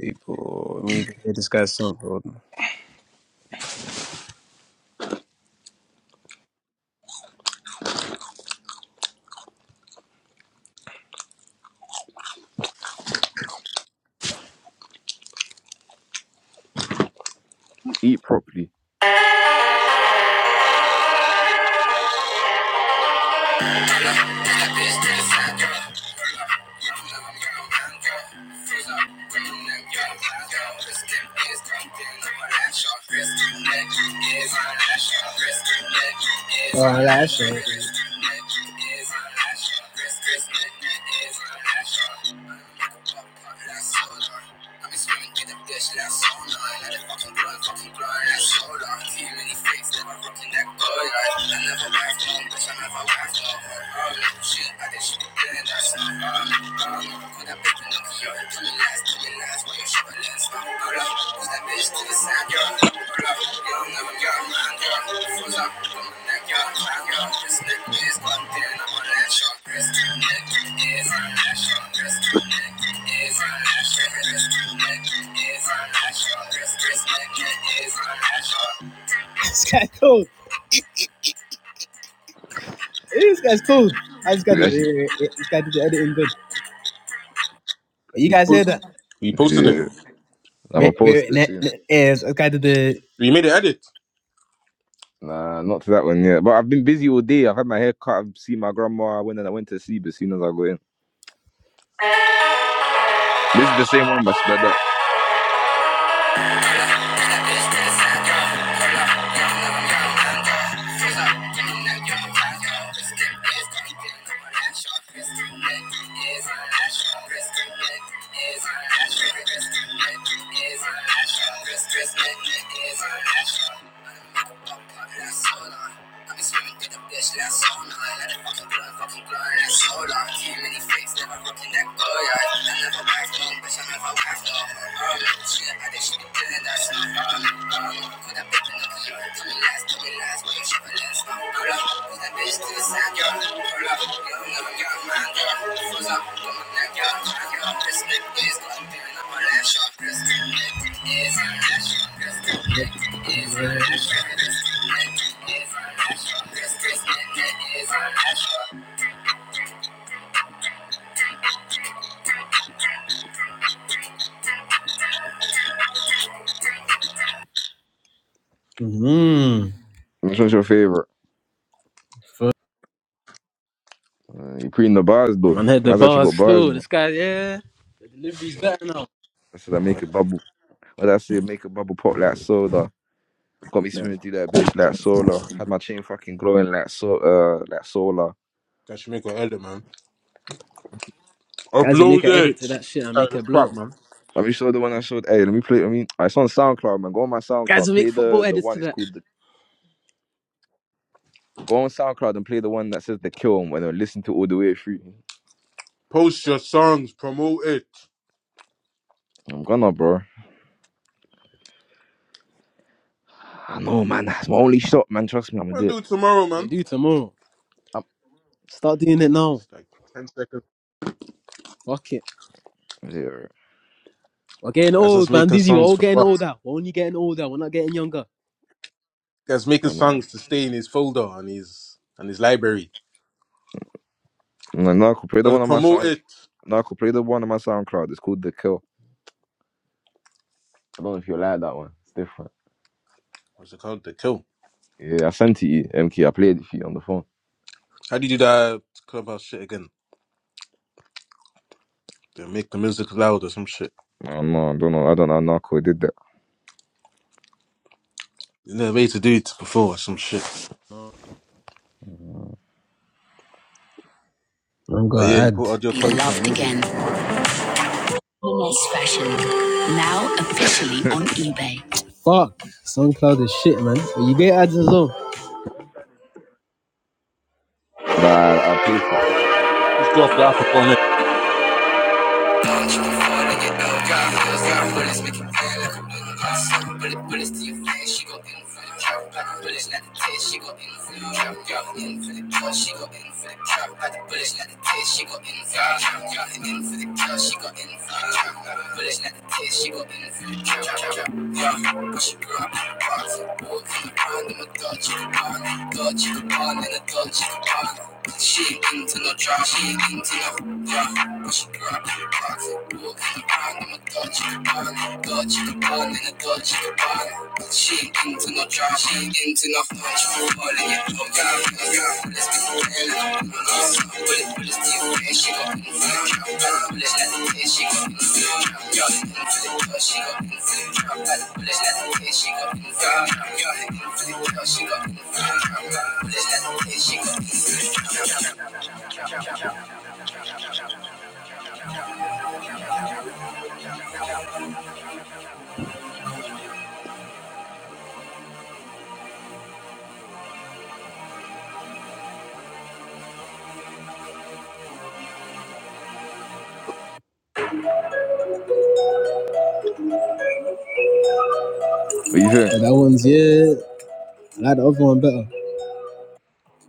S2: People, let me even hear this guy's song. bro.
S1: Eat properly.
S2: Oh, Hold on. I've been swimming through the bitch last so long. Let it fucking grow and fucking grow last so long. Too many fakes, never rocking that good life. I never laugh, no, bitch, I never laugh, no. Oh, no, shit, I think she be dead, that's not fun. Oh, no, could have been Pinocchio. Tell me lies, tell me lies, why you're shoveling stuff. Hold up, who's that bitch to the side, girl? Hold up, you don't know, girl, man, girl. Froze up, don't like your like your this neck is one ten I'm on that short wrist neck is on that short wrist neck is on that short wrist neck is on that short wrist wrist neck is on that short This guy cool. This guy's cool. I just got to wait,
S1: Actually,
S2: wait, wait, wait. This guy did the editing good. But you guys hear
S3: Post-
S2: that?
S3: We posted it.
S1: Yeah. I'm going
S2: Wait,
S1: to post
S2: wait, wait.
S1: it
S2: Ne-
S1: soon.
S2: ne- yes, this guy did the
S3: We made an edit.
S1: Nah, not to that one yet. But I've been busy all day. I've had my hair cut. I've seen my grandma. I went and I went to sleep as soon as I got in. This is the same one, but sped up.
S2: Is on that shot. I'm a pop, pop, that's all on. I'm swimming through the Bitch, that's so annoying. Let it fucking blow, fucking blow, that's so long. Too many fakes, never broken that boy. yeah. I never wax, no, bitch, I never wax, no. I don't know shit, I think she be doing that snow. I don't know, I don't know. Could that bitch be lucky? You heard me last, tell me last, why you shiver last? No, girl, up, put that bitch to the side, girl. Hold up, you don't know, girl, mind, girl. Fools up, come on, that girl, try, girl. This neck is going through, and I'm a lash, you neck is a lash, you neck is a lash, you neck is a lash, Mm,
S1: Which one's your favorite? Uh, you pre in the bars, though.
S2: man hit the
S1: Man's actually
S2: bars
S1: got bars,
S2: too.
S1: man.
S2: This guy, yeah. The delivery's better now.
S1: I said, I make a bubble. What did I say? Make a bubble pop like soda. Got me swimming through that bitch like solar. Had my chain fucking glowing like so, uh, like solar.
S3: That should make an edit, man.
S2: Guys will make
S3: Upload
S2: an edit
S3: it.
S2: to that shit and
S3: Tired of
S2: make
S3: this
S2: it
S3: crap,
S2: blow.
S3: man.
S1: Have you saw the one I showed? Hey, let me play. I mean, it's on SoundCloud, man. Go on my
S2: Guys
S1: SoundCloud.
S2: will make
S1: Play
S2: football
S1: the the
S2: edits to
S1: one. It's
S2: that.
S1: called. The, go on SoundCloud and play the one that says the kill, and then listen to it all the way through.
S3: Post your songs. Promote it.
S1: I'm gonna, bro. I know, man. That's my only shot, man. Trust me, I'm gonna
S3: What am
S1: do
S3: I
S1: it.
S3: gonna do tomorrow,
S2: Yeah,
S3: man?
S2: do tomorrow.
S1: I'm,
S2: Start doing it now.
S3: It's like 10 seconds.
S2: Fuck it.
S1: yeah,
S2: We're getting
S3: Guys, us
S2: old, man.
S3: making
S2: Busy. We're
S3: songs
S2: all
S3: for
S2: getting
S3: what?
S2: older. We're only getting older. We're not getting younger.
S3: That's making
S1: I'm not.
S3: songs to stay in his folder on his on his library.
S1: No, no, I could play the
S3: Gotta
S1: one on my
S3: promote
S1: sound.
S3: it.
S1: No, I could play the one on my SoundCloud. It's called the kill. I don't know if you like that one. It's different.
S3: What's it called? The kill.
S1: Yeah, I sent it to you, MK. I played it for you on the phone.
S3: How do you do that clubhouse shit again? They make the music loud or some shit.
S1: Oh, no, I don't know. I don't know. how Narco did
S3: You know, a way to do it before or some shit.
S2: I'm
S3: But
S2: gonna
S3: yeah, you put
S2: add.
S3: audio
S2: Be
S3: quality on
S2: loved
S3: music.
S2: again. Less fashion. Now officially on
S1: that.
S2: eBay. Fuck, SoundCloud is shit, man. But you get ads as well.
S1: nah, I, I pay for it.
S3: Just go off the app and go on it.
S2: Bullets got bullets, make it feel like a bullet got some bullet bullets to your face. She go in for the trap, got the bullets like the taste. She go in for the trap, got in for the kill. She go in for the trap, got the bullets like the taste. She go in for the trap, got in for the kill. She go in for the trap, got the bullets like the taste. She go in for the trap, trap, Yeah, push your girl, box, walk in the pond, I'm a dog, chicken pond, dog, chicken pond, and a dog, chicken pond. She ain't into no drama, she ain't into no. Yeah, What you got in your pocketbook? You can buy a Dutch, you can buy a Dutch, you can buy a Dutch, you can buy them. she ain't into no drama, she ain't into no punch. For All in your blood, got me, got me, let's I'm gonna pull it, pull it, steal it, she got in for the trap. Got the bullets, let the hit, she got in for the trap. Got in for the touch, she got in for the trap. Got the bullets, let the hit, she got in for the trap. Got in for the touch, she got in for the trap. Got the bullets, let the hit, she got in for the trap.
S1: But you think?
S2: Yeah, that one's yeah. I like the other one better.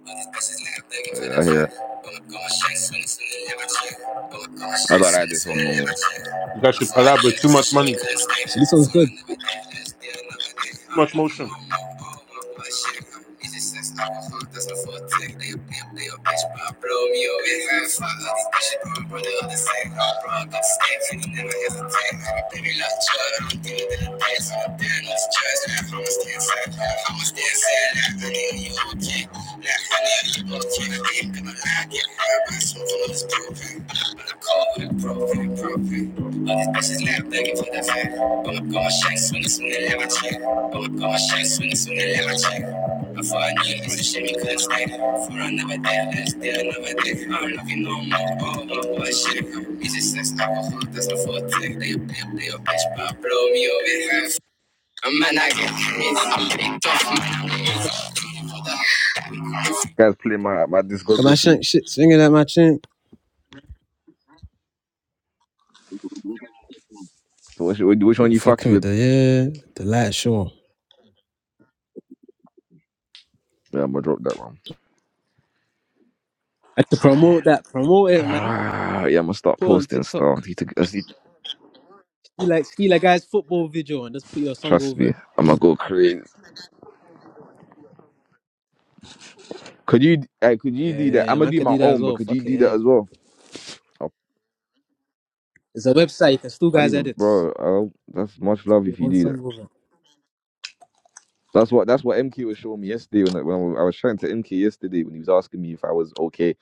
S2: All these bitches nigga begging for
S1: Yeah,
S2: that
S1: I hear
S2: check.
S1: it.
S2: But my grandma shake, swing it, swing it, live a check. But my grandma
S1: I
S2: shake,
S1: don't like
S2: swing it,
S1: this
S2: swing
S1: one
S2: it, live
S1: no
S2: a check.
S3: You guys
S2: I
S3: should
S2: thought I
S3: collaborate.
S2: knew
S3: too
S2: this
S3: much
S2: shit, you
S3: money, too
S2: couldn't stay. This sounds good. Another day, last day, another day. I'm
S3: much
S2: loving
S3: motion.
S2: no more, all my boy shit. It's just I was fucked, that's the full thing. They a pimp, they a bitch, but I blow me away. I Fuck all this bitch, but my brother all the same. I brought up stakes, and he never hesitate. Baby, like Jordan, I'm dealing with the days. I'm dealing with the stress, I'm gonna stay inside. I'm gonna stay inside, like, I need you,
S1: more.
S2: okay? That honey I eat both teeth, I ain't gonna lie, get hurt by smoking on this propane. I'm not cold with propane, propane. All these bitches lap begging for that fat. I'ma go on shank, swinging, swinging, let my check. I'ma go on shank, swinging, swinging, let my check. Before I knew it, it's a shame you couldn't stay. For another day, let's do another day. I don't love you no more, oh, oh, oh, shit. It's just sex, alcohol, that's the full thing. They a bitch, they a bitch, but blow me away. I'm an I get I'm big tough, man, I'm big.
S1: Guys, play my, my
S2: Got my
S1: discography.
S2: shank shit swinging at my chin.
S1: So which, which one
S2: Mm,
S1: you fucked
S2: Fucking with
S1: with?
S2: the yeah, the light show. I
S1: Yeah, I'm gonna drop that one.
S2: have to promote that. Promote it, man.
S1: Ah, yeah, I'm gonna start
S2: Put on
S1: posting
S2: TikTok.
S1: stuff. Need to- I need-
S2: You like ski like guys football video and just put your song
S1: Trust
S2: over
S1: me,
S2: it.
S1: I'm gonna go crazy. Could you? Hey, could you
S2: Yeah,
S1: do
S2: yeah,
S1: that?
S2: yeah.
S1: I'm gonna
S2: Man
S1: do
S2: could do
S1: my
S2: that as
S1: own, but
S2: well.
S1: could you
S2: Fuck it,
S1: do
S2: yeah.
S1: that
S2: yeah.
S1: as well? Oh,
S2: There's a website. You can still
S1: I'll
S2: guys
S1: even,
S2: edits.
S1: bro. I'll, that's much love
S2: Your
S1: if you
S2: own
S1: do
S2: song
S1: that.
S2: over.
S1: That's what that's what MK was showing me yesterday when I, when I was I was chatting to MK yesterday when he was asking me if I was okay.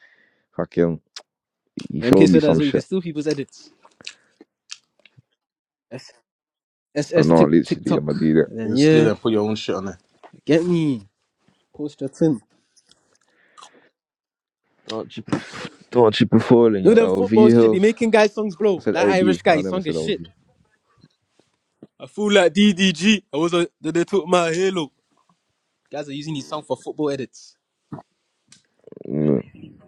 S1: Fucking, he showed
S2: MK
S1: me
S2: said that as
S1: some
S2: well. You can
S1: shit.
S2: steal people's edits. S
S1: I
S2: S
S1: know,
S2: Tik
S1: literally, I'm gonna do
S2: TikTok.
S1: that.
S2: And then
S3: You still
S2: yeah,
S3: and put your own shit on it.
S2: get me. Post your tin.
S1: Don't you, pref- don't you prefer in
S2: No,
S1: your
S2: them
S1: LV
S2: football shit be
S1: hills?
S2: making guys songs
S1: I
S2: blow.
S1: said
S2: That
S1: LB.
S2: Irish guy
S1: I never
S2: song
S1: said
S2: is
S1: LV.
S2: shit. I feel like DDG. I was a, they they took my halo. Guys are using his song for football edits.
S1: Mm,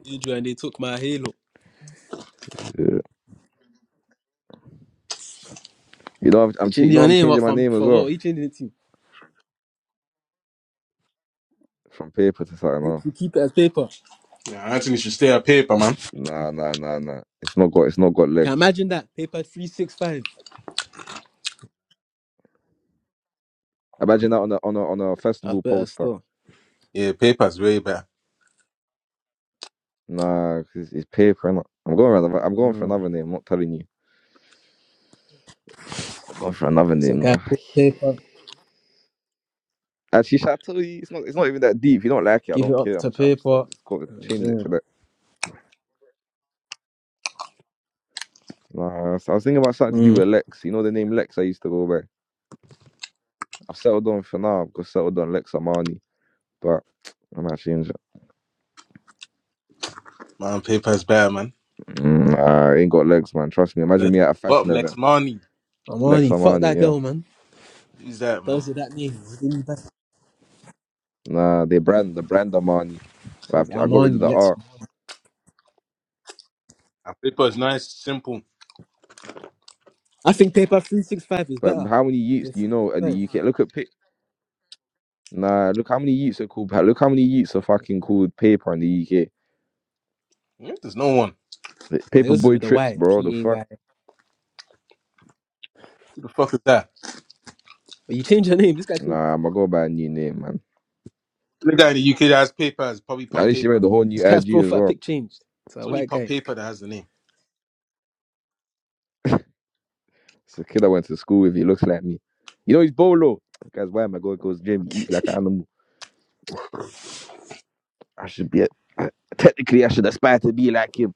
S2: And they took my halo.
S1: yeah. You know, I've,
S2: You
S1: I'm ch-
S2: changed
S1: you know
S2: your
S1: I'm
S2: name up
S1: changing my
S2: from
S1: name as
S2: for what?
S1: well
S2: You changed it to.
S1: from paper to
S2: I
S1: something
S2: think
S1: else.
S2: you keep it as paper.
S3: Yeah, Anthony should stay at paper, man.
S1: Nah, nah, nah, nah. It's not got it's not got
S2: Can
S1: legs.
S2: imagine that paper three six five.
S1: Imagine that on a on a on a
S2: That's
S1: festival
S2: better
S1: poster.
S2: still.
S3: Yeah, paper's way better.
S1: Nah, 'cause it's, it's paper. Innit? I'm going around, I'm going for
S2: Mm.
S1: another name. I'm not telling you. I'm going for another
S2: So
S1: name.
S2: guy
S1: Nah.
S2: put paper,
S1: Actually, should I tell you? It's not it's not even that deep. If you don't like it, I
S2: give it
S1: don't
S2: up
S1: care.
S2: to
S1: I'm ch- I'm, s-
S2: paper.
S1: I'm just call changing it to
S2: Mm.
S1: that. Nah, so I was thinking about something to do
S2: Mm.
S1: with Lex. You know the name Lex I used to go by. I've settled on for now. I've got settled on Lex Amani, but I'm actually changing.
S3: Man, paper's better, man.
S1: Mm, nah, I ain't got legs, man. Trust me.
S3: Uh,
S1: Imagine me at a
S3: What,
S1: fashion event.
S3: Lex Money?
S1: Lex
S2: Armani, fuck
S1: Armani,
S2: that
S1: yeah.
S2: girl, man.
S3: Who's that, man?
S2: Those are that name, it didn't better.
S1: Nah, they brand the brand Armani,
S2: It
S1: but I've,
S2: was
S1: I got rid of
S2: Armani,
S1: the
S2: Lex.
S1: R.
S3: Uh, Paper is nice, simple.
S2: I think paper three six five is
S1: But
S2: better
S1: how many
S2: with
S1: youths
S2: the
S1: do you
S2: three
S1: know
S2: six
S1: in
S2: five.
S1: the UK? Look at pic. Nah, look how many youths are called. Look how many youths are fucking called paper in the
S3: Hmm? There's no one.
S1: UK.
S2: Now
S1: Paper
S2: yours is
S1: boy
S2: with the
S1: trips,
S2: Y,
S1: bro. The
S2: P A
S1: fuck.
S2: Y.
S3: Who the fuck is that?
S2: But you change your name. This guy, changed,
S1: Nah, I'ma go by a new name, man.
S3: The guy in the UK that has paper is probably
S1: At
S3: Pop
S1: least you made
S3: Paper.
S1: the whole
S2: this
S1: new
S2: guy's
S1: IG as
S2: profile
S1: well.
S2: pic changed. It's
S3: It's
S2: a
S3: only
S2: white
S3: Pop
S2: guy.
S3: Paper that has the name.
S1: It's a kid I went to school with. He looks like me. You know he's bolo. The Guys, why am I going? Goes gym. He eats like an animal. I should be. A, I, technically, I should aspire to be like him.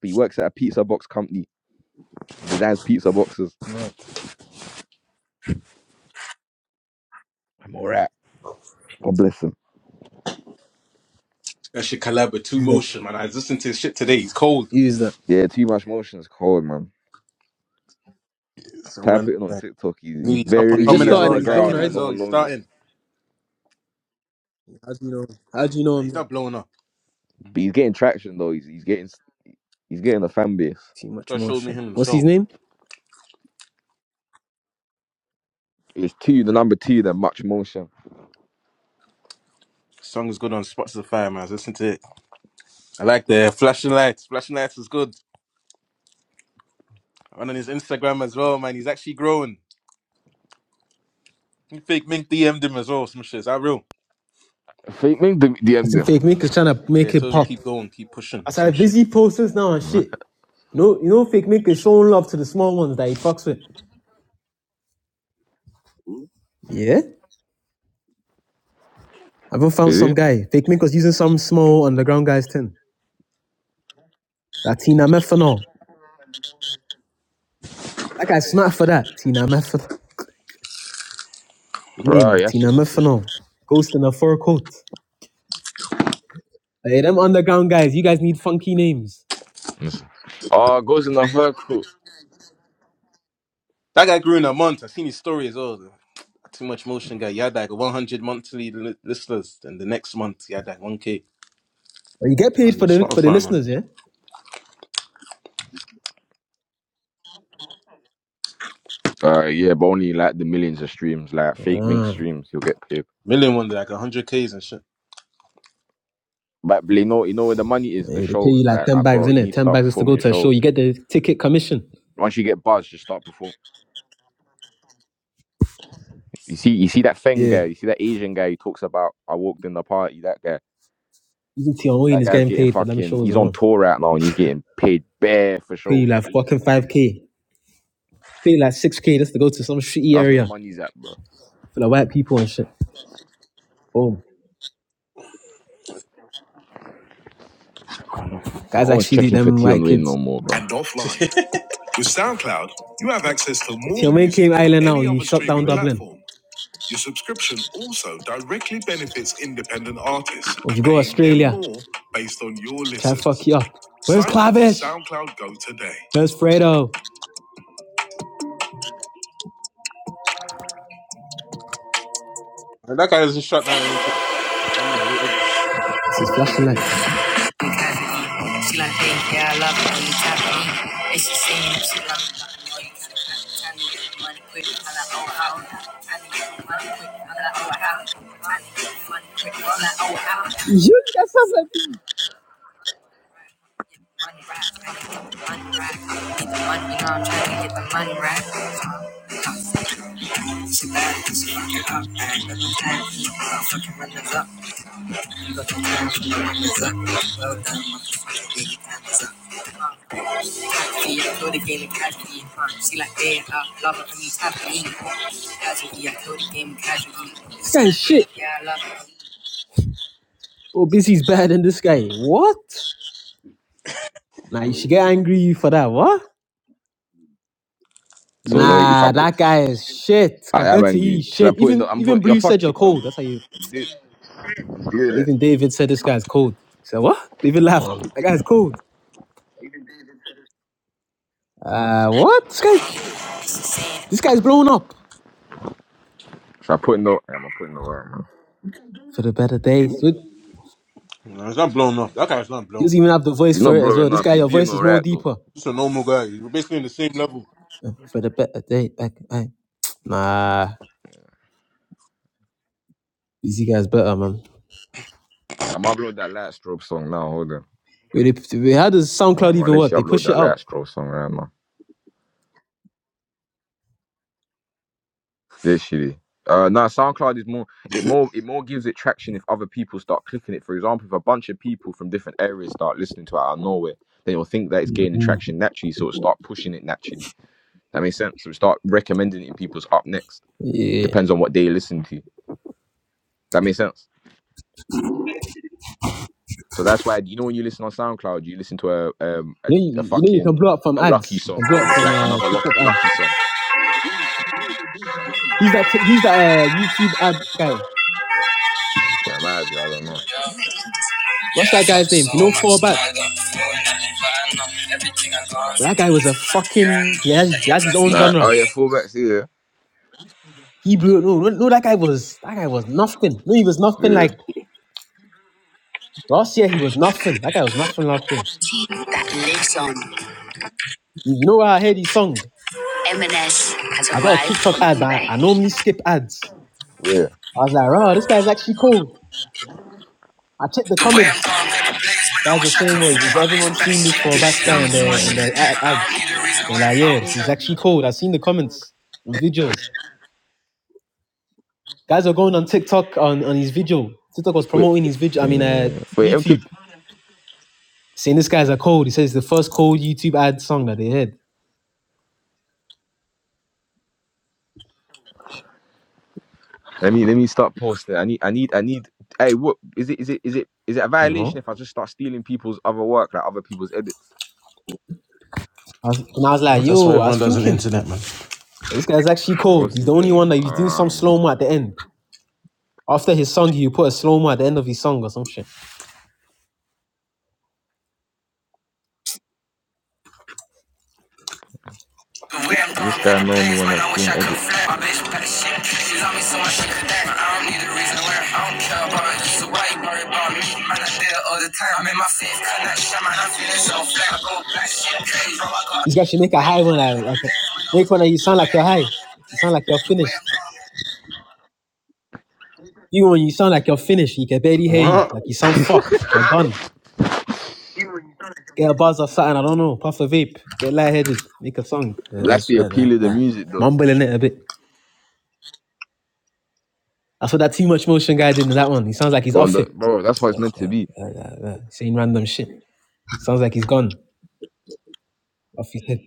S1: but he works at a pizza box company. He designs pizza boxes.
S2: No.
S1: I'm alright. God bless him.
S3: That shit collab with Two
S2: He's like,
S3: Motion, man. I was listening to his shit today. He's cold.
S2: he's the.
S1: Yeah, too much motion is cold, man.
S3: Some
S1: Type
S3: random
S1: it in on
S3: guy.
S1: TikTok. He's he's
S3: Maybe He's up and
S2: We just
S3: coming
S1: very
S3: as
S2: started
S3: well.
S2: and
S3: He's
S2: he's
S3: like
S2: blown
S1: underground
S3: him
S1: and
S3: as
S1: no
S2: already.
S3: well.
S1: one
S3: He's
S1: knows him.
S3: starting.
S2: How do you know? How do you know
S3: Nah,
S2: him
S3: he's
S2: then?
S3: not blowing up.
S1: But he's getting traction though. He's he's getting he's getting a fan base.
S2: Too much
S3: God showed me
S2: motion.
S3: him
S2: What's his
S3: himself.
S2: name?
S1: It's two, the number two, then much motion.
S3: Song is good on Spots of Fire, man. I was listening to it. I like the flashing lights. Flashing lights is good. I went on his Instagram as well, man. He's actually growing. Fake Mink DM'd him as well. Some shit. Is that real?
S1: Fake me the
S2: I
S1: DM
S2: think
S1: them.
S2: Fake Maker's trying to
S3: Yeah,
S2: make it
S3: told him
S2: pop.
S3: keep going, keep pushing,
S2: I
S3: or some
S2: said
S3: shit.
S2: busy posters now and
S1: Huh?
S2: shit. You know, you know, Fake Maker's showing love to the small ones that he fucks with. Yeah, I even found
S1: Is
S2: some
S1: it?
S2: guy. Fake Maker's using some small underground guy's tin. That Tina Methanol. That guy's smart for that. Tina Methanol. Name
S1: Right, yes, he
S2: Tina
S1: actually message.
S2: Methanol. Ghost in a fur coat. Hey, them underground guys. You guys need funky names.
S1: Listen. Oh, it goes in the circle.
S3: That guy grew in a month. I seen his story as well. Too much motion guy. He had like 100 monthly li- listeners, and the next month he had like 1k
S2: But you get paid
S3: on
S2: for
S3: his
S2: the for the
S3: Spotify, man.
S2: listeners, yeah.
S1: Uh yeah, but only like the millions of streams, like fake mink
S2: Ah.
S1: streams, you'll get paid.
S3: Million one, like 100ks and shit.
S1: But you know, you know where the money is. The
S2: Hey, they pay you
S1: shows,
S2: like
S1: like,
S2: 10
S1: ah,
S2: bags,
S1: bro, you
S2: innit?
S1: need to
S2: 10
S1: start
S2: bags just to go
S1: performing
S2: to a show.
S1: shows.
S2: You get the ticket commission.
S1: Once you get buzz, just start performing. You see, you see that Feng
S2: Yeah.
S1: guy, you see that Asian guy who talks about I walked in the party. That guy,
S2: Even Tion Wayne
S1: that
S2: is
S1: guy's
S2: getting
S1: getting
S2: paid for them
S1: fucking.
S2: shows
S1: He's on
S2: alone.
S1: tour right now and he's getting paid bare for
S2: Pay you
S1: shows.
S2: like fucking 5K. Pay you like 6K just to go to some shitty
S1: That's where
S2: area
S1: money's at, bro.
S2: for the white people and shit. Boom.
S1: I know. No
S2: Guys
S1: always
S2: actually do
S1: checking for
S2: them
S1: tea on
S2: white
S1: the way
S2: kids.
S1: no more, bro.
S2: And offline. With SoundCloud, you have access to more Tion came island now. any You shut down
S3: Yeah, wait.
S2: Dublin. platform. Your subscription also directly benefits independent artists, Would you go Australia? more based on your Try Can't fuck you up. Where's Sign SoundCloud Go today. Where's Fredo?
S3: And that guy doesn't shut down anything. Performing in little
S2: This is
S3: concert
S2: flashing lights. She
S3: areas.
S2: like me, yeah, I love it when you tap me. And she saying that she love me, but I know you gotta tell me. Money quick, I like, oh, how? money quick, I like, oh, how? money quick, I like, oh, how? You got stuff Money rack, I need the money rack. Need the money, you know I'm trying to get the money rack. She bad, she fuck it up, bag of the tag. I'll fucking run up. You got your time from the run up. Well done, motherfucker, yeah, your time is up. Uh, See, I throw the game and cash me. Uh, she like, yeah, I love it when you tap me. Casually, I throw the game and casually. This guy shit. Yeah, I love it. Oh, busy's better than this guy. What? Nah, you should get angry for that. What?
S1: So you know, if I
S2: Nah,
S1: put,
S2: that guy is shit
S1: I am
S2: compared to you.
S1: angry. Should I
S2: Shit.
S1: put in
S2: Even
S1: the? I'm
S2: even
S1: put. You're
S2: Blue said you're
S1: fucking, man.
S2: cold. That's how you.
S1: I'm doing i doing it.
S2: Even David said this guy's cold. He said what? David laughed. That guy's cold. Uh, what? This guy, this guy's blown up
S1: Should I put in the? I'm putting the work, man.
S2: for the better days.
S3: You it's not blown up. That guy's not
S2: He
S3: blown.
S2: doesn't even have the
S1: He's
S2: voice for
S1: not
S2: it as well.
S1: blowing
S2: This
S1: up.
S2: guy,
S1: He's
S2: your
S1: doing
S2: voice is
S1: all
S2: more
S1: right though.
S2: deeper.
S3: Just a normal guy. He's basically in the same level.
S2: Uh, For the better day, back, I- nah, these guys better, man.
S1: I'm upload that light strobe song now. Hold on.
S2: Wait, they, wait, how does SoundCloud
S1: Man, man,
S2: even
S1: let's
S2: work? They
S1: upload
S2: push it
S1: that last
S2: out.
S1: straw song, right, man. This shitty. Uh, no, SoundCloud is more. It more. It more gives it traction if other people start clicking it. For example, if a bunch of people from different areas start listening to it out of nowhere, then you'll think that it's gaining
S2: Mhm.
S1: traction naturally. So it'll start pushing it naturally. That makes sense. So start recommending it in people's up next.
S2: Yeah,
S1: Depends on what they listen to. That makes sense. So that's why you know when you listen on SoundCloud, you listen to a um
S2: you
S1: a,
S2: know,
S1: a
S2: you, you know, you can blow up
S1: fucking
S2: from
S1: a lucky
S2: ads. You can
S1: song, and
S2: blow up
S1: then it's
S2: from
S1: like
S2: uh,
S1: another lucky
S2: TikTok ads.
S1: lucky song.
S2: He's that tick- he's that uh, YouTube ad guy.
S1: Yeah, maybe I don't know.
S3: Yeah,
S2: What's
S3: I
S2: that
S3: felt
S2: guy's name?
S3: so
S2: You know, fall
S3: much, now
S2: back.
S3: I don't feel nothing, but I know everything I gone
S2: But
S3: through.
S2: that guy was a
S3: Yeah, I
S2: fucking
S3: know
S2: yeah. He has
S3: that
S2: he
S3: you're
S2: has his own
S3: bluffing.
S1: Like, oh
S2: genre.
S3: You
S1: yeah,
S3: ain't
S1: fullbacks, yeah,
S2: He blew. No, no, no, that guy was that guy was nothing. No, he was nothing.
S1: yeah.
S2: Like last year, he was nothing. That guy was nothing last year.
S3: that lives on.
S2: You know where I heard his song?
S3: M&S has
S2: I got a
S3: arrived
S2: TikTok
S3: on
S2: ad, but I,
S3: eBay.
S2: I normally skip ads.
S1: Where?
S2: I was like, oh, this guy's actually cool. I checked the
S3: The way I'm
S2: comments.
S3: going, baby, blaze, man, I
S2: Guys were
S3: wish I could
S2: saying, was
S3: flip.
S2: is
S3: My
S2: everyone
S3: bitch, better
S2: seeing this
S3: shit.
S2: for bats
S3: She
S2: guy
S3: love me
S2: on
S3: so much,
S2: their
S3: she
S2: on
S1: no-
S2: their
S3: could
S2: ad-
S3: die. I don't
S2: ads?
S3: need a reason
S2: They are
S3: why
S2: like, yeah,
S3: I don't
S2: he's
S3: care.
S2: actually cold. I've seen the comments on videos. Guys are going on TikTok on, on his video. TikTok was
S1: Wait.
S2: promoting his video. I mean, uh,
S1: Yeah. Wait. Okay.
S2: YouTube saying this guy's a cold. He says the first cold YouTube ad song that they heard.
S1: Let me let me start posting. I need I need I need. Hey, what is it? Is it is it is it a
S2: You
S1: violation
S2: know,
S1: if I just start stealing people's other work, like other people's edits?
S2: I was, and I was
S3: Well,
S2: like,
S3: that's why
S2: yo, I
S3: everyone
S2: was
S3: does an
S2: thinking
S3: internet, man.
S2: this guy's actually
S1: Uh,
S2: cold.
S1: what's
S2: He's the
S1: his
S2: only one
S1: name?
S2: that you do some slow
S1: Um,
S2: mo at the end. After his song, you put a slow mo at the end of his song or some shit. The way I'm
S1: does this
S2: throwing
S1: guy
S2: paper
S1: know
S2: planes,
S1: anyone
S2: man,
S1: that's
S2: I wish
S1: doing
S2: I could
S1: edits?
S2: flip. My bitch bad shit. She love me so much she could dance. I don't need a reason why. I don't care about You, so why you worry about me? Man, I deal all the time. I'm in my fifth connection, man. I'm feeling so flat. I go back shit crazy. Bro, I got This guy should make a high one. Like, like make one that you sound like you're high. You sound like you're finished. You when you sound like you're finished, you can barely hear you. Like you sound fucked. You're gone. Get a buzz or something. I don't know. Puff a vape. Get lightheaded. Make a song. Uh,
S1: That's
S2: That's
S1: the
S2: uh,
S1: appeal of
S2: uh,
S1: the
S2: uh,
S1: music, though.
S2: mumbling it a bit. That's what that too much motion guy did in that one. He sounds like he's
S1: On
S2: off
S1: the
S2: it.
S1: bro, that's what it's
S2: That's,
S1: meant to
S2: uh,
S1: be.
S2: uh, uh, uh, saying random shit. Sounds like he's gone off his head.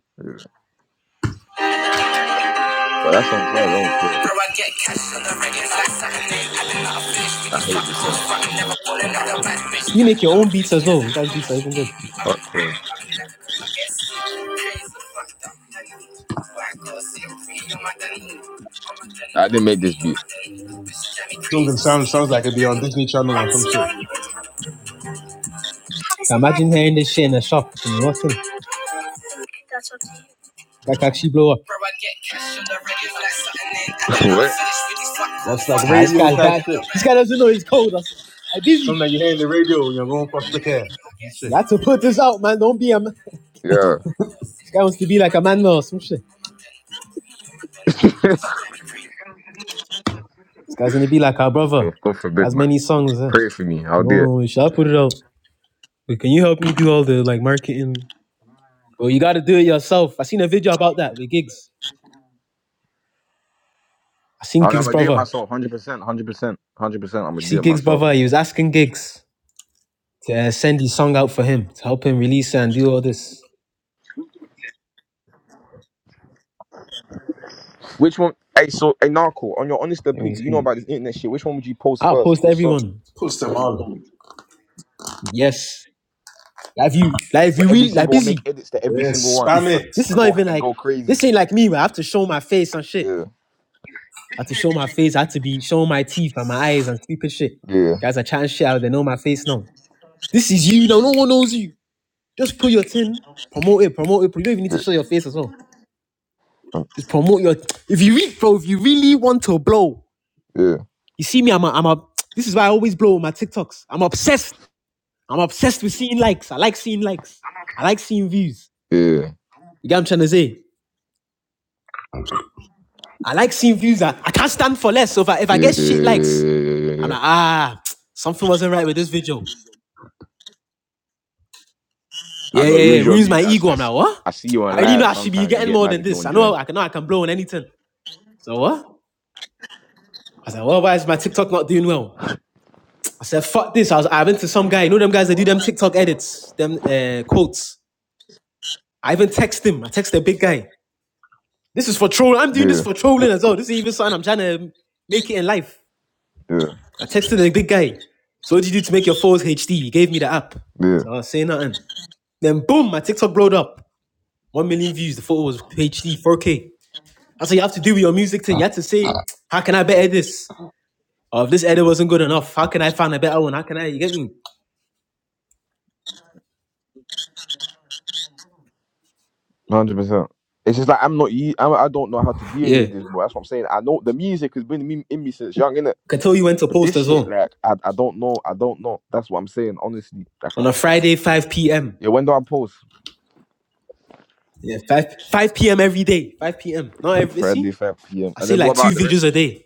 S1: But that song's hard. I don't
S2: Bro,
S1: care.
S2: I get cash on the regular like something I did not finish with
S1: I
S2: these
S1: hate
S2: fuck
S1: this
S2: calls,
S1: one.
S2: but I'm never falling out of bad bitch. You make your own beats as well. That's beats are even good.
S1: Fuck this. I didn't make this beat.
S3: song that sounds sounds like it'd be on Disney Channel or some shit.
S2: Imagine hearing this shit in a shop. Can you in? That actually blow up. like
S1: what?
S2: Ah, this guy's falling bad. This guy doesn't know he's cold. I'm busy.
S3: Something that you hear in the radio when you're going for foster care. Some
S2: You
S3: shit.
S2: have to put this out, man. Don't be a man.
S1: Yeah.
S2: This guy wants to be like a man now or some shit. This guy's gonna be like our brother.
S1: God
S2: He
S1: forbid,
S2: has
S1: man.
S2: many songs. huh?
S1: Pray for me.
S2: I
S1: I'll
S2: don't
S1: do it.
S2: know. Should I put it out? Wait, can you help me do all the like marketing? Bro, you gotta do it yourself. I seen a video about that with Gigs. I seen
S1: I'm
S2: Gigs'
S1: gonna do it
S2: brother.
S1: myself, hundred percent, hundred percent, hundred percent. I'm
S2: You
S1: gonna
S2: see
S1: do it
S2: Gigs'
S1: myself.
S2: brother. He was asking Gigs to uh, send his song out for him to help him release it and do all this.
S1: Which one? Hey, so hey, Narco, on your honest
S2: Let me
S1: opinion, you know
S2: see.
S1: about this internet shit. Which one would you post
S2: I'll
S1: first?
S2: post
S1: Which song?
S2: everyone.
S3: Puts them on.
S2: Yes. Like if you like if
S1: Where
S2: you
S1: every
S2: really like
S1: single one make
S2: busy.
S1: edits to every
S3: Yeah,
S1: single one
S3: spam
S2: If
S1: and,
S3: it.
S2: this is
S1: and
S2: not
S1: go
S2: even
S1: and
S2: like
S1: go crazy.
S2: this ain't like me where I have to show my face and shit.
S1: Yeah,
S2: I have to show my face, I have to be showing my teeth and my eyes and stupid shit.
S1: yeah,
S2: Guys are chatting shit out, they know my face now. This is you now, no one knows you. Just put your tin, promote it, promote it. You don't even need
S1: yeah,
S2: to show your face as well. Just promote your if you really bro, if you really want to blow,
S1: yeah, yeah,
S2: you see me, I'm a I'm a this is why I always blow on my TikToks. I'm obsessed. I'm obsessed with seeing likes. I like seeing likes. I like seeing views.
S1: yeah,
S2: You get what I'm trying to say? I like seeing views. I, I can't stand for less. So if I, if I
S1: yeah,
S2: get
S1: yeah,
S2: shit likes,
S1: yeah.
S2: I'm
S1: yeah.
S2: like, ah, something wasn't right with this video.
S1: I
S2: Yeah, yeah,
S1: know it
S2: yeah.
S1: ruins
S2: It
S1: your
S2: Ruins my
S1: mood. I,
S2: ego.
S1: I,
S2: I'm like, what?
S1: I see you
S2: I
S1: on
S2: already know
S1: live.
S2: I should be
S1: Sometimes you
S2: getting
S1: get
S2: more
S1: mad
S2: than
S1: if no
S2: this.
S1: one
S2: I know
S1: joins.
S2: I can know I can blow on anything. So what? I said, well, why is my TikTok not doing well? I said, fuck this. I was I went to some guy, you know them guys that do them TikTok edits, them uh, quotes. I even text him. I text a big guy. This is for trolling. I'm doing this
S1: Yeah,
S2: for trolling as well. This is even something I'm trying to make it in life.
S1: yeah,
S2: I texted the big guy. So what did you do to make your photos HD? He gave me the app.
S1: yeah.
S2: So I was saying nothing. Then boom, my TikTok blowed up. One million views. The photo was HD 4K. That's what you have to do with your music thing. You have to say, how can I better this? Or if this edit wasn't good enough, how can I find a better one? How can I? You get me?
S1: Hundred percent. It's just like I'm not. u- I am not I don't know how to do any
S2: Yeah.
S1: of this, bro. That's what I'm saying. I know the music has been in me, in me since young, innit?
S2: I can tell you when to
S1: But
S2: post
S1: this
S2: as
S1: shit,
S2: well.
S1: like, I, I don't know. I don't know. That's what I'm saying, honestly. Like,
S2: On
S1: I,
S2: a Friday, 5 p.m.
S1: yeah. When do I post?
S2: Yeah, 5 5 p.m. every day. 5 p.m. Not every
S1: Friday,
S2: see?
S1: 5 p.m.
S2: I
S1: And
S2: see
S1: then what
S2: like two
S1: about the
S2: videos
S1: rest?
S2: a day.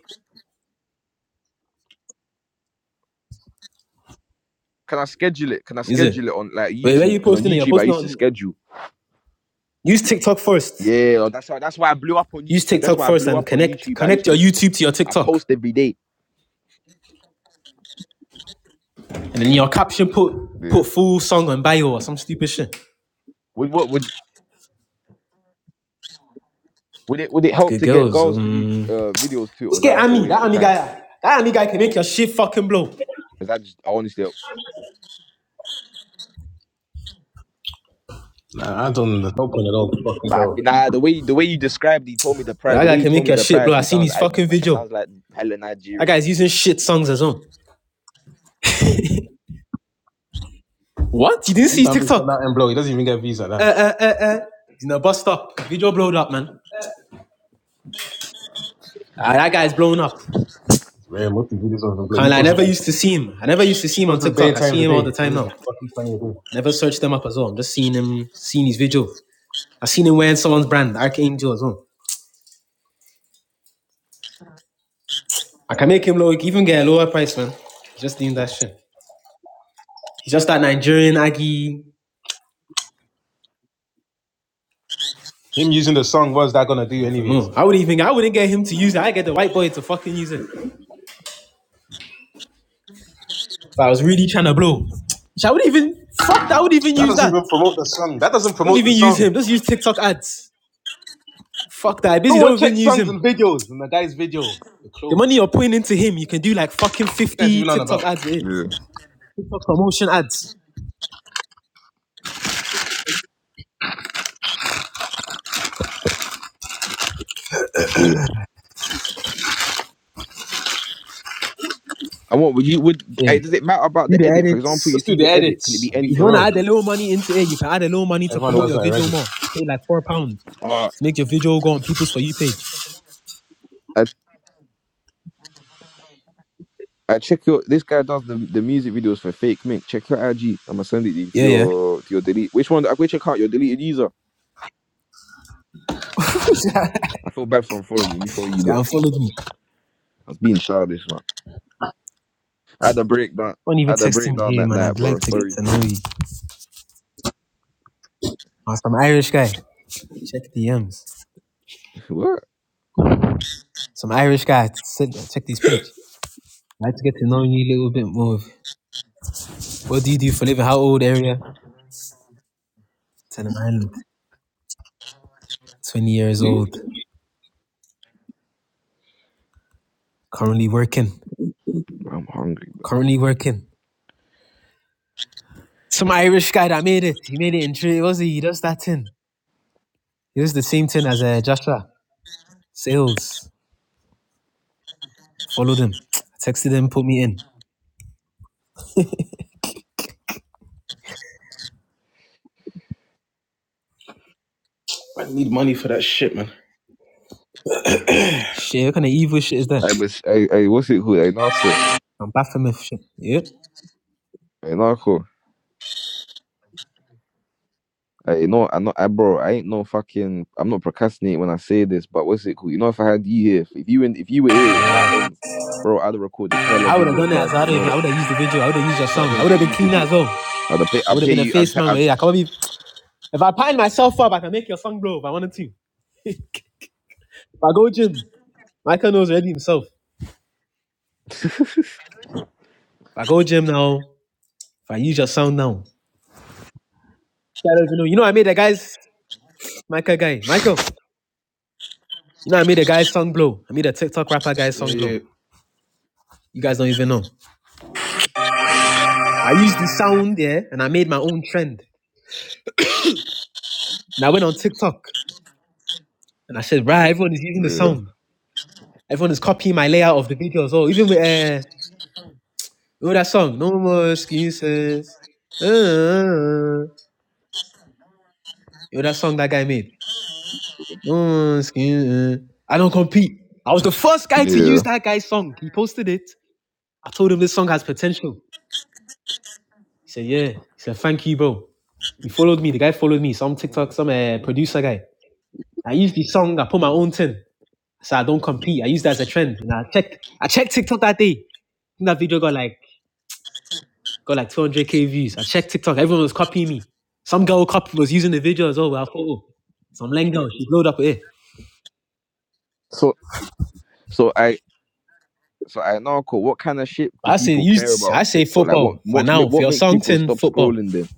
S1: Can I schedule it? Can I
S2: Is it?
S1: schedule it on like
S2: Wait, where are
S1: YouTube?
S2: you
S1: Because on
S2: posting it? You're
S1: YouTube, I
S2: posting
S1: used to
S2: on
S1: schedule.
S2: use TikTok first.
S1: Yeah, that's why. That's why I blew up on
S2: Use
S1: YouTube. That's
S2: TikTok
S1: why I
S2: first
S1: blew
S2: and
S1: up on
S2: connect
S1: YouTube. I
S2: connect
S1: used
S2: your
S1: to, put,
S2: YouTube to your
S1: I
S2: TikTok.
S1: post every day.
S2: And then your caption put
S1: Yeah.
S2: put full song on bio or some stupid shit.
S1: Would what would would it would it
S2: It's
S1: help
S2: good
S1: to get
S2: girls.
S1: girls to do
S2: Um
S1: uh, videos too, or
S2: Just
S1: is
S2: get
S1: that just a
S2: Ami, that
S1: waste of
S2: Ami
S1: time?
S2: guy. That Ami guy can make your shit fucking blow.
S1: Is that just honestly?
S3: Nah, I don't know. Open
S1: But I think- nah, the way the way you described, he told me the
S2: Well,
S1: price. The
S2: that
S1: way
S2: guy
S1: he
S2: can make
S1: told me
S2: your
S1: the
S2: shit blow.
S1: price,
S2: I
S1: he
S2: seen
S1: sounds
S2: his
S1: Aggie,
S2: fucking
S1: man. He
S2: video.
S1: sounds like hella
S2: That
S1: Nigerian
S2: guy's
S1: and
S2: using
S1: shit.
S2: shit songs as well. What? You didn't
S3: You
S2: see his
S3: start making
S2: TikTok?
S3: out and blow. He doesn't even get views like
S2: Uh
S3: that.
S2: uh uh uh. He's in a bus stop. Video blowed up, man. Ah, that guy's blown up.
S3: It's rare. Most of the videos on the blow. He
S2: Kinda, I
S3: posts
S2: never
S3: like
S2: used to see him. I never used to
S3: he
S2: see him on
S3: posts bare
S2: TikTok. I
S3: times
S2: see
S3: a
S2: him all
S3: day. He
S2: the time
S3: posts
S2: now.
S3: like fucking times a day.
S2: Never searched them up as well. I'm just seeing him, seeing his video. I seen him wearing someone's brand, Archangel as well. I can make him look even get a lower price, man. He's just doing that shit. He's just that Nigerian Aggie.
S3: Him using the song, what's that gonna
S2: I
S3: do
S2: don't
S3: anyways?
S2: know. I would not even I wouldn't get him to use it. I get the white boy to fucking use it. If I was really trying to blow, I would even fuck that. I would even
S3: That
S2: use
S3: doesn't
S2: that.
S3: even promote the song. That doesn't
S2: Don't
S3: promote the
S2: even use
S3: song.
S2: him. Just use TikTok ads. Fuck that. I Busy.
S3: Someone
S2: Don't even
S3: check
S2: use
S3: songs and
S2: him.
S3: videos from the guy's video, the
S2: The money
S3: clothes.
S2: you're putting into him, you can do like fucking
S3: What You guys
S2: fifty
S3: even on
S2: TikTok
S3: about.
S2: ads with it.
S1: Yeah,
S2: TikTok promotion ads.
S1: yeah. And what would you would?
S2: Yeah.
S1: Hey, does
S2: Do
S1: it matter about the
S2: the
S1: edit? For
S2: edits.
S1: example, you
S3: Just do
S1: see
S3: the
S1: the edit, can it
S3: edits.
S1: be
S3: I'll be
S2: If you
S3: for
S2: want
S1: anything?
S2: to
S3: real.
S2: add a little money into it, you can add a little money to
S3: Everyone
S1: So,
S2: promote
S3: does
S2: your
S3: that
S2: video
S3: already.
S2: more. Pay like four pound
S1: uh,
S2: to make your video go on people's for you page.
S1: I I check your this guy does the the music videos for Fake Mink. Check your IG. I'ma send it to you- to
S2: Yeah, yeah.
S1: your to your delete. Which one? Which account? Your deleted user. I feel bad for following you. Me for you,
S2: See,
S1: but
S2: unfollowed me.
S1: I was being childish, man. I had a breakdown.
S2: Don't
S1: I
S2: even
S1: had a
S2: text me,
S1: breakdown
S2: hey
S1: that
S2: man.
S1: night,
S2: I'd
S1: bro.
S2: like to get
S1: Sorry.
S2: to know you. i some Irish guy. Check DMs.
S1: what?
S2: Some Irish guy. Sit, check this page. I'd like to get to know you a little bit more. What do you do for living? How old area? Ten Ireland. Twenty years
S3: Hmm?
S2: old. Currently working.
S1: I'm hungry.
S2: Currently working. Some Irish guy that made it. He made it in three. Was he? He does that thing. He was the same thing as uh, Joshua. Sales. Followed him. I Texted him, put me in.
S3: I need money for that shit, man.
S2: Shit, what kind of evil shit is that?
S1: I was I I what's it called? I not cool.
S2: I'm Baphomet shit. Yeah.
S1: I not cool. I know I'm not I bro, I ain't no fucking I'm not procrastinating when I say this, but what's it called? You know if I had you here, if, you in, if you were here in my ends, bro, I'd have recorded hella
S2: I would have
S1: videos
S2: done it
S1: by
S2: as
S1: now,
S2: well. I
S1: you
S2: don't
S1: know
S2: even, I
S1: that.
S2: would have used the video. I would have used your
S1: I
S2: sound. I
S1: couldn't
S2: would
S1: get
S2: have been
S1: you to
S2: cleaner
S1: do
S2: as
S1: it.
S2: well.
S1: I'd have pay
S2: I
S1: I'd
S2: would have
S1: pay
S2: been a
S1: you I'd,
S2: face man where yeah, I
S1: pay,
S2: can't be if I pine myself up, I can make your song blow. if I wanted to. If I go gym, Michael knows already himself. If
S1: I'd
S2: I go gym now, if I use your sound now. I don't even know. You know I made the guys Michael guy. Michael. You know I made the guy's song blow. I made a TikTok rapper guy's
S3: Yeah,
S2: song blow.
S3: yeah.
S2: You guys don't even know. I used the sound, yeah, and I made my own trend. And I went on TikTok and I said, right, everyone is using the
S1: Yeah.
S2: sound. Everyone is copying my layout of the videos. Oh, even with uh, you know that song, No More Excuses. Uh, you know that song that guy made? No More Excuses. I don't compete. I was the first guy to
S1: Yeah.
S2: use that guy's song. He posted it. I told him this song has potential. He said, yeah. He said, thank you, bro. He followed me. The guy followed me. Some TikTok, some uh, producer guy. I used the song. I put my own thing. So I don't compete. I used that as a trend. And I checked I checked TikTok that day. And that video got like got like 200k views. I checked TikTok. Everyone was copying me. Some girl copy was using the video as well. I thought, oh, some lame girl. She blowed up with it.
S1: So so I so I know cool. What kind of shit do
S2: But I say
S1: people care
S2: use
S1: about
S2: I
S1: on
S2: say
S1: TikTok? Like what
S2: football for
S1: what's
S2: now. For
S1: what
S2: your
S1: makes
S2: song
S1: people
S2: thing,
S1: stop
S2: football.
S1: scrolling then?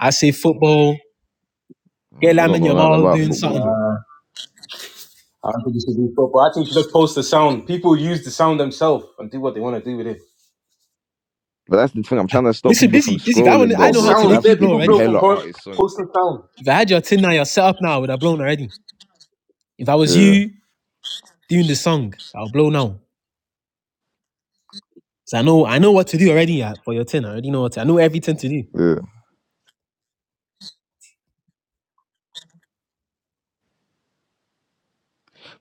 S2: I say football. Get
S1: Uh, I
S2: lamb
S1: don't
S2: in
S1: know
S2: your
S1: nothing
S2: mouth
S1: about
S2: doing
S1: football though.
S2: something.
S3: I don't think you should do football. I think you should just post the sound. People use the sound themselves and do what they want to do with it.
S1: But that's the thing. I'm trying to stop
S2: Listen,
S1: people from
S2: busy, busy. I want,
S1: scrolling
S3: Just
S2: I
S1: though,
S2: know
S3: Post
S2: how
S1: bro,
S2: to
S1: because
S3: sounds.
S2: make
S1: I've
S2: you
S3: Bare
S2: blow
S1: skipped
S3: people
S1: through
S2: already.
S3: blow from
S1: hella
S3: po-
S1: artist songs.
S3: posting sound.
S2: if I had your tin now, your setup now, I would have blown already. If I was
S1: Yeah,
S2: you doing the song, I'll blow now. So I know I know what to do already uh, for your ten. I already know what to, I know everything to do.
S1: yeah.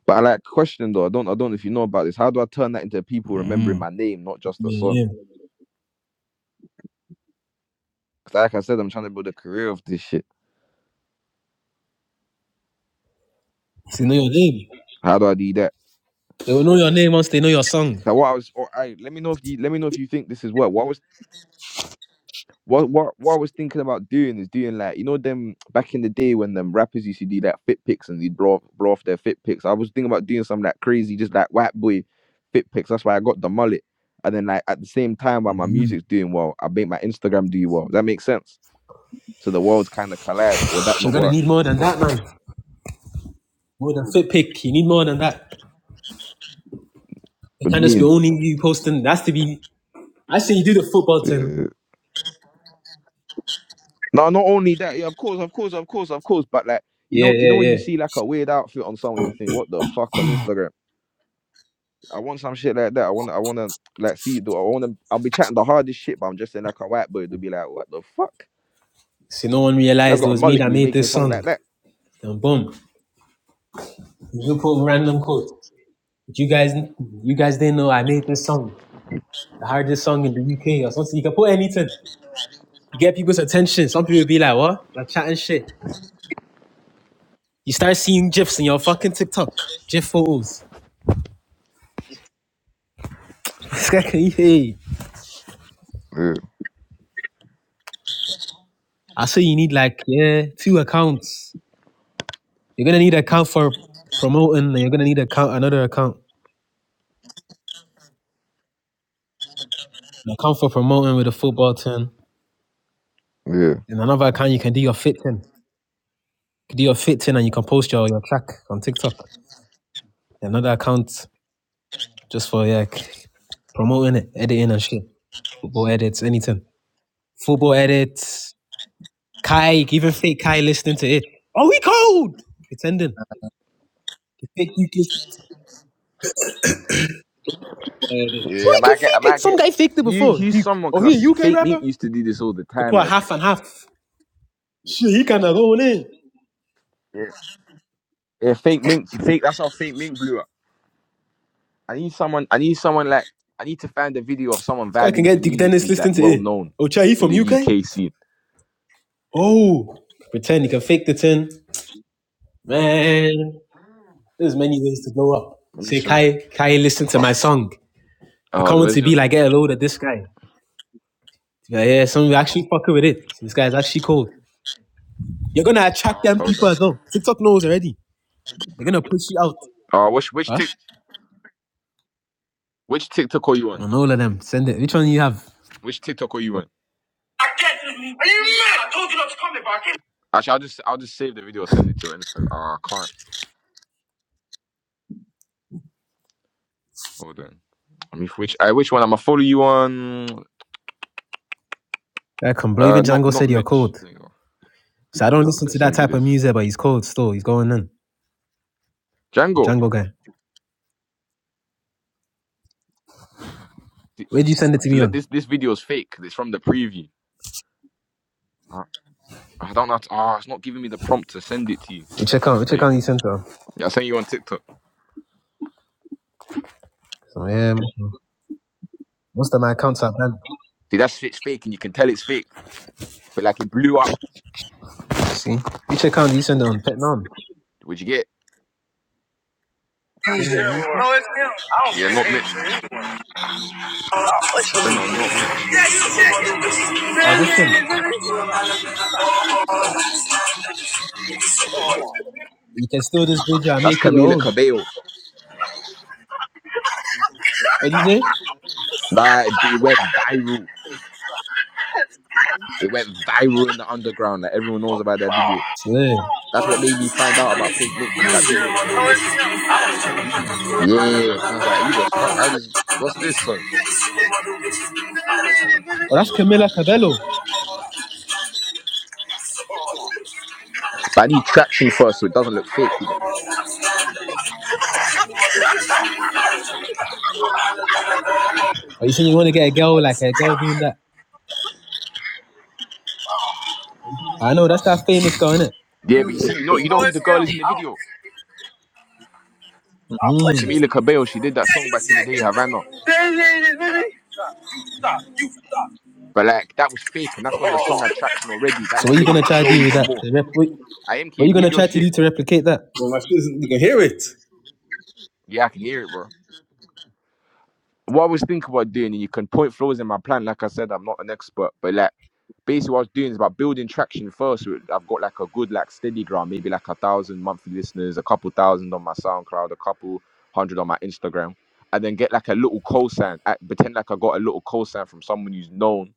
S1: But I like question though. I don't, I don't know if you know about this. How do I turn that into people remembering my name, not just the song?
S2: Yeah, yeah.
S1: Because like I said, I'm trying to build a career of this shit.
S2: So know your name.
S1: How do I do that?
S2: They will know your name once they know your song.
S1: Like what I was, or I let me know if you let me know if you think this is what. What I was What what what I was thinking about doing is doing like you know them back in the day when them rappers used to do like fit pics and they'd blow off, blow off their fit pics. I was thinking about doing something like crazy, just like white boy fit pics. That's why I got the mullet. And then like at the same time while my music's doing well, I make my Instagram do well. Does that make sense? So the worlds kind of collide. Would that
S2: You're
S1: not
S2: gonna
S1: work?
S2: need more than that, man. More than fit pick. You need more than that. It
S1: What do
S2: can't
S1: you
S2: just be
S1: mean?
S2: only you posting. That's to be. I say you do the football thing.
S1: Yeah. No, not only that. Yeah, of course, of course, of course, of course. But like you
S2: Yeah,
S1: know, you know
S2: yeah,
S1: when
S2: yeah.
S1: you see like a weird outfit on someone, you think, what the fuck on Instagram? I want some shit like that. I want I want to like see Do I want to. I'll be chatting the hardest shit, but I'm just saying like a white boy to be like, what the fuck? This
S2: So no one
S1: guy's
S2: realized it
S1: got a
S2: was me
S1: mullet
S2: that
S1: and he's
S2: made
S1: making
S2: this
S1: songs
S2: song.
S1: like that.
S2: And boom, you put random quotes. But you guys, you guys didn't know I made this song, the hardest song in the UK or something. You can put anything. You get people's attention. Some people be like, "What? You're chatting shit." You start seeing GIFs in your fucking TikTok, GIF photos. hey,
S1: Yeah,
S2: I say you need like yeah two accounts. You're gonna need an account for promoting, and you're gonna need account another account, an account for promoting with a football team,
S1: yeah.
S2: and another account you can do your fit thing. You can do your fit thing, and you can post your your track on TikTok. And Another account just for yeah promoting it, editing and shit. Football edits, anything. Football edits. Kai, even fake Kai listening to it. Oh, we cold. It's ending. The fake UK.
S3: Yeah,
S2: Or
S1: Yeah, I
S3: Stop
S2: you can
S1: might get, I
S2: fake it.
S1: might
S2: Some
S1: get.
S2: guy faked it
S1: He,
S2: before.
S1: he's
S2: Duke.
S1: someone
S2: Oh, he
S1: because
S2: a UK
S1: fake
S2: rapper?
S1: Mink used to do this all the
S2: Could
S1: time.
S2: put a
S1: Like,
S2: half and half. Shit, he kind of going in. This
S1: yeah, yeah fake Mink, fake. That's how fake Mink blew up. I need someone. I need someone like. I need to find a video of someone
S2: guy can
S1: vibing
S2: get
S1: to
S2: Duke
S1: music
S2: Dennis
S1: who's like
S2: listening to
S1: well
S2: it.
S1: known
S2: Oh, Chai, he
S1: in
S2: from
S1: the
S2: UK?
S1: UK scene.
S2: Oh, pretend he can fake the tin. Man, there's many ways to blow up.
S1: Let me
S2: Say,
S1: show.
S2: Kai, Kai, listen to
S1: Oh,
S2: my song. The
S1: oh,
S2: comments
S1: where's
S2: would
S1: your?
S2: be like, get a load of this guy. Yeah, yeah, some of you actually fucking with it. This guy's actually cold. You're gonna attract them
S1: Hold
S2: people as
S1: on.
S2: well. TikTok knows already. They're gonna push you out.
S1: Oh, which which
S2: Huh?
S1: tick which TikTok are you on?
S2: On all of them. Send it. Which one do you have?
S1: Which TikTok are you on?
S2: I get this. Are you mad? I told you not to come here, but I came.
S1: Actually, I'll just I'll just save the video, send it to her. and it's like, Oh, I can't. Hold on. I mean, which uh, which one? I'ma follow you on.
S2: That can bro.
S1: Uh,
S2: Even
S1: not
S2: Django
S1: not
S2: said you're
S1: Mitch.
S2: cold.
S1: There you go.
S2: So I don't
S1: I
S2: listen
S1: can
S2: to that
S1: send you
S2: type of
S1: this.
S2: music, but he's cold still. He's going in. The
S1: Django.
S2: Django guy.
S1: th-
S2: Where'd you send it to
S1: So
S2: me
S1: let
S2: on?
S1: this this video is fake. It's from the preview. Uh, I don't know. How to, oh, it's not giving me the prompt to send it to you.
S2: You check out. You
S1: There
S2: check
S1: you
S2: out. You
S1: go.
S2: sent it on.
S1: Yeah, I send you on TikTok.
S2: So yeah, most of my accounts are banned.
S1: See, that's shit's fake, and you can tell it's fake. But like it blew up.
S2: See, you check out. You send it on. Vietnam.
S1: What'd you get?
S2: Say Saying that on Instagram.
S1: Yeah, not Mitch. I
S3: pushing
S1: sent it
S3: me.
S1: on not Mitch.
S3: Yeah, you the shit. Stop
S2: Oh, listen. You can steal this video and
S1: That's
S2: make it your
S1: Camila
S2: own.
S1: Cabello.
S2: What do you say?
S1: Nah, it, it went viral. It went viral in the underground. Like everyone knows about that video.
S2: Slim.
S1: That's what made me find out about Fake Mink, that video. Yeah, cause I was like, you the fuck, how this, what's this son?
S2: Oh, that's Camila Cabello.
S1: But I need traction first so it doesn't look fake, you know.
S2: Are you saying you want to get a girl like a girl doing that? I know that's that famous girl, innit?
S1: Yeah, but you see, you know, you know who the girl is in the video?
S2: Mm.
S3: pushing
S1: Camila
S3: me.
S1: Cabello, she did
S3: Yeah,
S1: that song back in the day, Havana.
S3: you the shit.
S1: But like that was fake, and that's when the song had traction already. That
S2: So what
S1: what
S2: are you
S1: made
S2: gonna
S1: it
S2: try to
S1: blow
S2: do with
S1: even
S2: that?
S1: more.
S2: To rep- what
S1: I'mk
S2: what are you gonna
S1: mute your
S2: try to
S1: shit.
S2: do to replicate that?
S3: Well, my shit, you can hear it.
S1: Yeah, I can hear it, bro. What I was thinking about doing, and you can point flaws in my plan, like I said, I'm not an expert, but like basically what I was doing is about building traction first. with- I've got like a good like steady ground, maybe like a thousand monthly listeners, a couple thousand on my SoundCloud, a couple hundred on my Instagram, and then get like a little cosign. Act, pretend like I got a little cosign from someone who's known,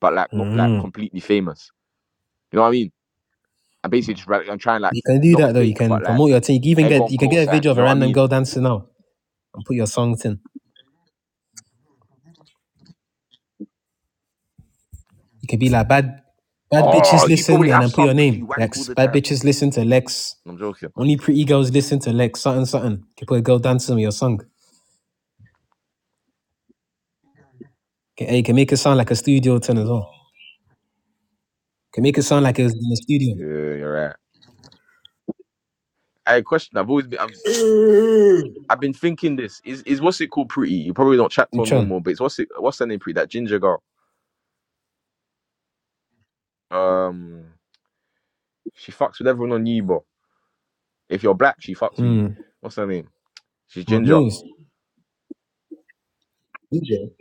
S1: but like not like
S2: Mm.
S1: completely famous. You know what I mean? I'm basically just like, I'm trying like
S2: You can do
S1: not
S2: that though. You
S1: fake,
S2: can
S1: but like
S2: promote your thing. You can even
S1: egg
S2: get
S1: on
S2: you can get a video
S1: cosigns.
S2: of
S1: You
S2: a
S1: know what I
S2: random
S1: mean?
S2: girl dancing now and put your songs in. You can be like bad bad bitches
S1: Oh, you probably
S2: listen and
S1: have
S2: then put
S1: some
S2: your
S1: because you
S2: name
S1: wank all
S2: Lex.
S1: the
S2: Bad
S1: time.
S2: bitches listen to Lex.
S1: I'm joking.
S2: Only pretty girls listen to Lex. Something something. You can put a girl dancing with your song. Can, eh, you can make it sound like a studio turn as well. can make it sound like it was in the studio.
S1: Yeah, you're right. I question. I've always been. I'm, I've been thinking this. Is is what's it called pretty? You probably don't chat
S2: In
S1: to her no
S2: Tron.
S1: more, but it's what's it what's her name pretty? That ginger girl. Um she fucks with everyone on you, bro. If you're black, she fucks with you.
S2: Hmm.
S1: What's her name? She's
S2: Who
S1: ginger.
S2: knows?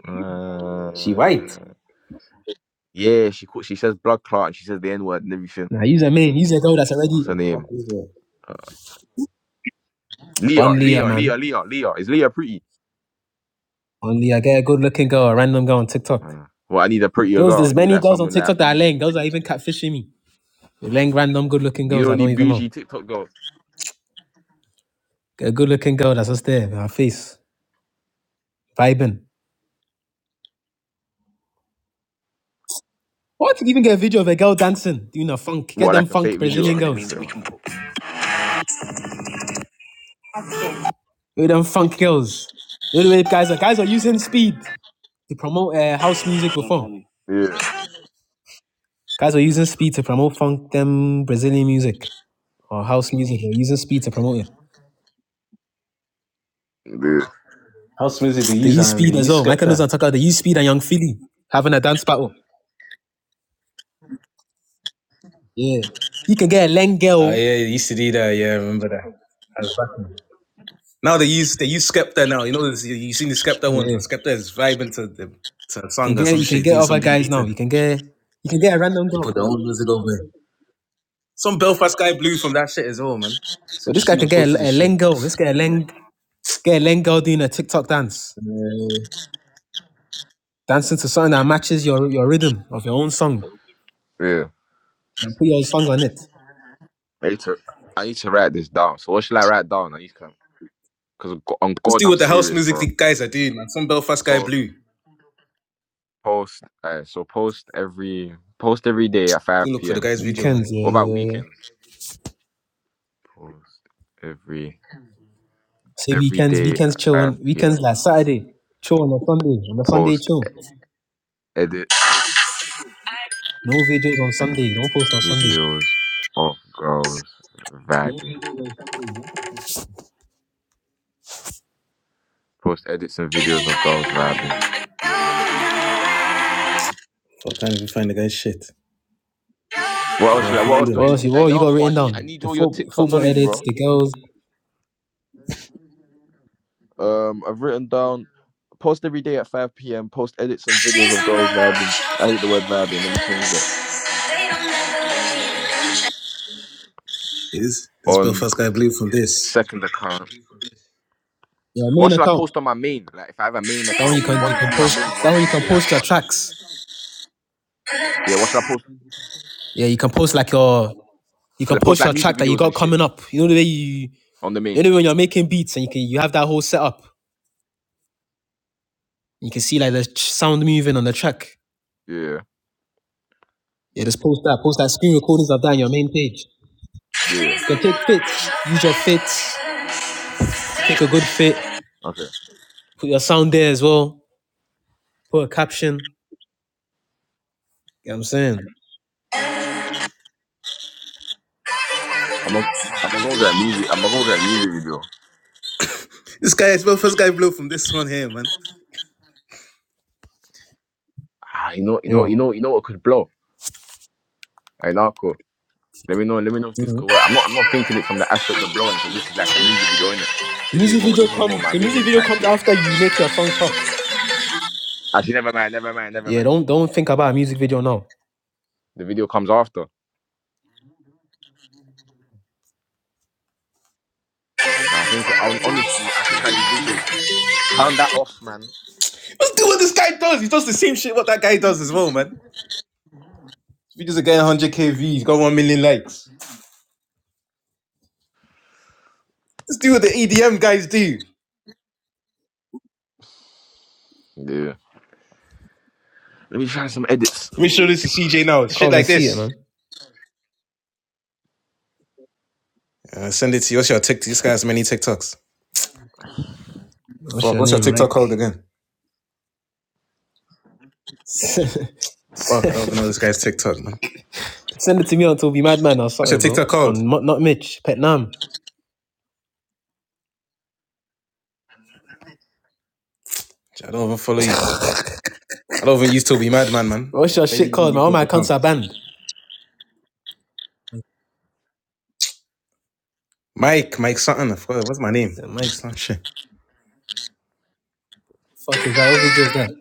S1: Uh, yeah, she call- she says blood clot and she says the N word and everything.
S2: Now use a main. Use a girl that's already
S1: What's her
S3: What The fuck
S1: name?
S3: is that?
S1: Uh, Leah,
S2: Bun Leah,
S1: Leah,
S2: man.
S1: Leah, Leah, Leah. Is Leah pretty?
S2: Only I get a good looking girl, a random girl on TikTok.
S1: Uh, well, I need a prettier
S2: Girls,
S1: girl. I
S2: there's
S1: need
S2: many
S1: like
S2: girls on
S1: someone like
S2: TikTok that are
S1: bougie.
S2: laying. Girls are even catfishing me. They're laying random good looking
S1: You
S2: girls I
S1: don't
S2: don't
S1: need
S2: even know.
S1: bougie TikTok girl.
S2: Get a good looking girl that's just there in her face, vibing. What? Even get a video of a girl dancing, doing a funk. Get
S1: What,
S2: them
S1: like a
S2: funk
S1: fake video?
S2: Brazilian girls.
S1: Okay, so
S2: means we
S1: like,
S2: can Look Get them funk girls. You know the way guys are guys are using speed to promote uh, house music before.
S1: yeah,
S2: Guys were using speed to promote funk them Brazilian music or house music. They were using speed to promote it.
S1: yeah,
S3: How smooth did they
S2: They
S3: use
S2: use
S3: and they
S2: speed as
S3: use
S2: well. Michael knows
S3: Skepta?
S2: and Tucker, they use speed and Young Philly having a dance battle. Yeah. You can get a Len
S3: Oh yeah,
S2: girl.
S3: they used to do that. Yeah, I remember that. That was back in- Now they use they use Skepta now. You know, this- you you seen the Skepta ones.
S2: Yeah.
S3: The Skepta is vibing to the to a
S2: You
S3: song
S2: can
S3: or
S2: get
S3: some
S2: you can
S3: shit,
S2: get
S3: doing
S2: other
S3: some DJ
S2: guys now.
S3: thing.
S2: You can get you can get a random
S3: They
S2: girl.
S3: put their own music over it. Some Belfast guy blew from that shit as well, man. So
S2: But
S3: you
S2: this guy
S3: see,
S2: can get
S3: reposted his
S2: a, a
S3: shit.
S2: Len girl. Let's get a Len get a Len girl doing a TikTok dance.
S3: Uh,
S2: Dancing to something that matches your your rhythm of your own song.
S1: yeah.
S2: And put your own song on it.
S1: I need to, I need to write this down. So what should I write down? I need to, cause on
S3: let's
S1: God,
S3: do
S1: I'm
S3: what the house
S1: serious,
S3: music
S1: bro.
S3: the guys are doing, man. Some Belfast guy
S1: So
S3: blew.
S1: post, uh, so post every, post every day at
S3: You
S1: 5
S3: look for the
S1: p.m.
S3: guy's video, man.
S2: Weekends, yeah,
S1: What about
S2: yeah, yeah.
S1: weekends? Post every,
S2: Say
S1: every
S2: weekends,
S1: day
S2: weekends
S1: at
S2: chill on
S1: 5
S2: weekends
S1: p.m.
S2: like Saturday, chill on a Sunday, on a Sunday
S1: Post
S2: chill.
S1: edits
S2: No videos on
S1: and
S2: Sunday. Don't post on Sunday.
S1: videos of girls vibing. Post edits and videos of girls vibing.
S3: Fuck, I can't even find the guy's shit.
S1: What else
S3: Well,
S1: should I? What else do
S2: What
S1: I
S3: London.
S1: need
S2: else? You,
S1: to? I
S2: oh, you
S1: know,
S2: got
S1: I
S2: written
S1: need, I
S2: down
S1: need
S2: the
S1: all your
S2: fo-
S1: TikTok
S2: football
S1: knowledge,
S2: edits,
S1: bro.
S2: the girls,
S1: Um, I've written down post every day at 5 p.m. Post edits and videos of girls vibing. I hate the word vibing. Let me change that.
S3: Yes, this
S1: On
S3: Belfast guy blew from this.
S1: second account.
S2: your
S1: What
S2: main
S1: should I
S2: account.
S1: post on my main? Like, if I have a main
S2: That one you
S1: account, the
S2: can you
S1: one's gonna
S2: can
S1: be my
S2: post.
S1: main,
S2: That
S1: one's
S2: one you
S1: gonna
S2: can
S1: be like,
S2: post your
S1: uh,
S2: tracks.
S1: yeah. What should I post?
S2: Yeah, you can post like your you can
S1: Pl- Post
S2: post
S1: like
S2: your track
S1: music
S2: that you
S1: videos
S2: got
S1: and shit
S2: coming up. You know the way you,
S1: on the
S2: you
S1: main.
S2: know when you're making beats and you can you have that whole setup. You can see like the ch- sound moving on the track.
S1: Yeah,
S2: Yeah, just post that. Post that screen recordings of that on your main page.
S1: yeah.
S2: You can take fits. Use your fits. Take a good fit.
S1: Okay.
S2: Put your sound there as well. Put a caption. You know what I'm saying?
S1: I'm gonna, I'm gonna go get a music. I'm gonna go get a music video.
S3: This guy, this Belfast guy blew from this one here, man.
S1: Ah, you know, you
S2: Yo.
S1: know, you know, you know what could blow. Hey, Narco. Let me know. Let me know if this
S2: Mhm.
S1: could work. I'm not. I'm not thinking it from the aspect of blowing because this is like a music video, innit? This is
S2: Music
S1: more.
S2: video
S1: This is more
S2: come
S1: my
S2: the music
S1: vision
S2: video
S1: type
S2: comes
S1: shit.
S2: after you make your song pop.
S1: Actually, never mind. Never mind. Never
S2: Yeah,
S1: mind.
S2: don't don't think about a music video now.
S1: The video comes after. Now I think. hon- Honestly, I think I need visuals. Turn that off, man.
S3: Let's do what this guy does. He does the same shit what that guy does as well, man. If just a guy 100k views, he's got 1 million likes. Let's do what the EDM guys do.
S1: Yeah. Let me find some edits.
S3: Make sure this
S1: Ooh.
S3: to CJ now.
S2: You can't
S3: Shit
S2: even
S3: like
S2: see it,
S3: this.
S2: man.
S3: Uh, send it to you. What's your TikTok? This guy has many TikToks.
S2: What's your name, Mike?
S3: Man, fuck, I don't even know this guy's TikTok, man.
S2: Send it to me on Toby Madman or
S3: What's your
S2: something, bro.
S3: TikTok called?
S2: On Mo- not Mitch, Pet Nam.
S3: I don't even follow you. I don't even used to be madman, man. I
S2: What's your
S3: barely
S2: shit
S3: even
S2: called, man?
S3: used
S2: All my
S3: to
S2: accounts
S3: come.
S2: are banned. I
S3: Mike, Mike something. I forgot. What's my name?
S2: said,
S3: Mike
S2: Mike,
S3: something. Shit.
S2: fuck is that? What video is that?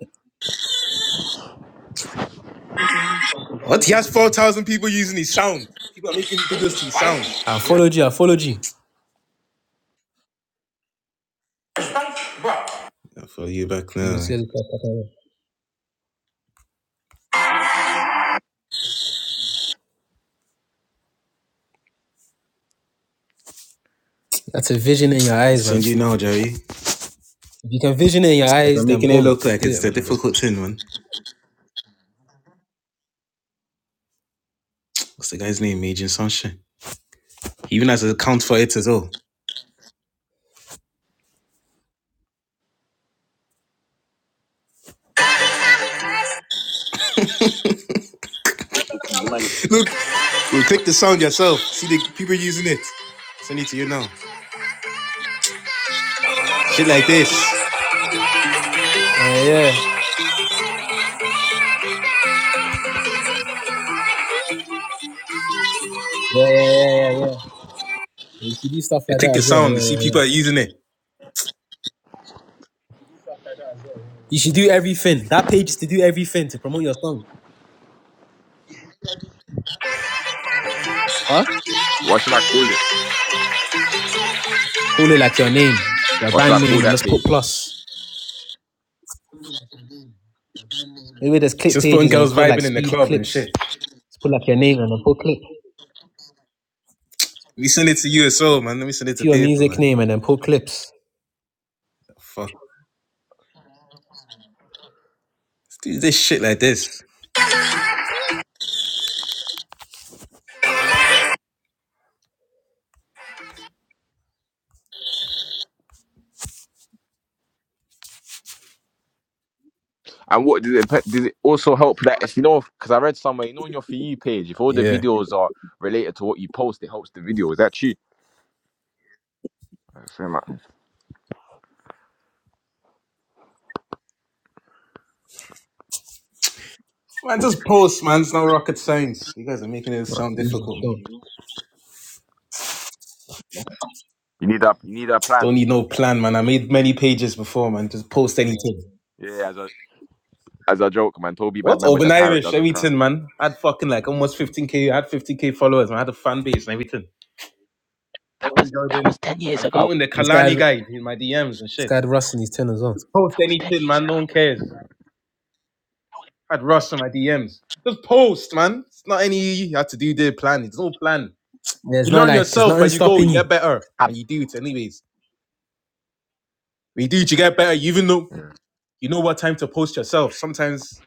S3: What? He has 4,000 people using his sound. People are making videos to his sound.
S2: I followed you. I followed you.
S3: I follow you back now.
S2: That's a vision in your
S3: I
S2: eyes, man.
S3: send you now, Jerry. 'Cause
S2: If you can vision it in your eyes,
S3: I'm
S2: then
S3: making it
S2: boom,
S3: look
S2: let's
S3: like
S2: do
S3: it's
S2: it,
S3: the
S2: man. Nigga.
S3: difficult thing, man. What's the guy's name? Major Sunshine. He even has an account for it as well. Look, you click the sound yourself. See the people using it. Send it to you now. Shit like this.
S2: Uh, yeah. Yeah, yeah, yeah, yeah, yeah. You should do stuff
S3: They
S2: like
S3: click
S2: that
S3: the
S2: as well. Yeah,
S3: sound. They see
S2: yeah, yeah.
S3: people are using it.
S2: You should do everything. That page is to do everything to promote your song. Huh?
S1: What should I call it?
S2: Call it like your name, your
S1: What should I
S2: brand
S1: call
S2: name, and
S1: that
S2: let's put
S1: page?
S2: plus. Maybe there's clip
S3: Just putting
S2: pages and it's
S3: girls
S2: called like
S3: vibing in the
S2: speed
S3: club and
S2: clips.
S3: shit.
S2: Just put like your name and then put clip.
S3: Let me send it to you as well, man. Let me send it
S2: Put
S3: to
S2: your
S3: paper,
S2: music
S3: man.
S2: name and then put clips.
S3: Fuck. Let's do this shit like this.
S1: And what did it? pe- Did it also help that if you know? Because I read somewhere, you know, on your for you page, if all the
S2: Yeah.
S1: videos are related to what you post, it helps the video. Is that true? I feel like-
S3: Man, just post, man. It's no rocket science. You guys are making it
S2: No,
S3: sound
S2: easy.
S3: difficult,
S2: Sure.
S3: man.
S1: You need that. You need a
S3: Don't
S1: plan.
S3: need no plan, man. I made many pages before, man. Just post anything.
S1: Yeah, as a As a joke, man, Toby
S3: What?
S1: Madman with a
S3: Urban
S1: parrot
S3: Irish,
S1: doesn't count.
S3: everything, man. I had fucking like almost 15k. I had 15k followers, man. I had a fan base and everything. Promoting Jordan. I was promoting the
S2: This guy,
S3: Kalani
S2: this
S3: guide in my DMs and shit.
S2: guy had Russ in his ten as well.
S3: Just post anything, man. No one cares. I had Russ in my DMs. Just post, man. It's not any you have to do their plan. It's no plan.
S2: Yeah, it's
S3: You
S2: not
S3: learn
S2: like it's
S3: yourself
S2: nothing
S3: when you go.
S2: stopping
S3: You
S2: you. You
S3: get better
S1: Ab-
S3: when you do it, anyways. When you do it, you get better. You even know.
S1: Yeah,
S3: you know what time to post yourself. Sometimes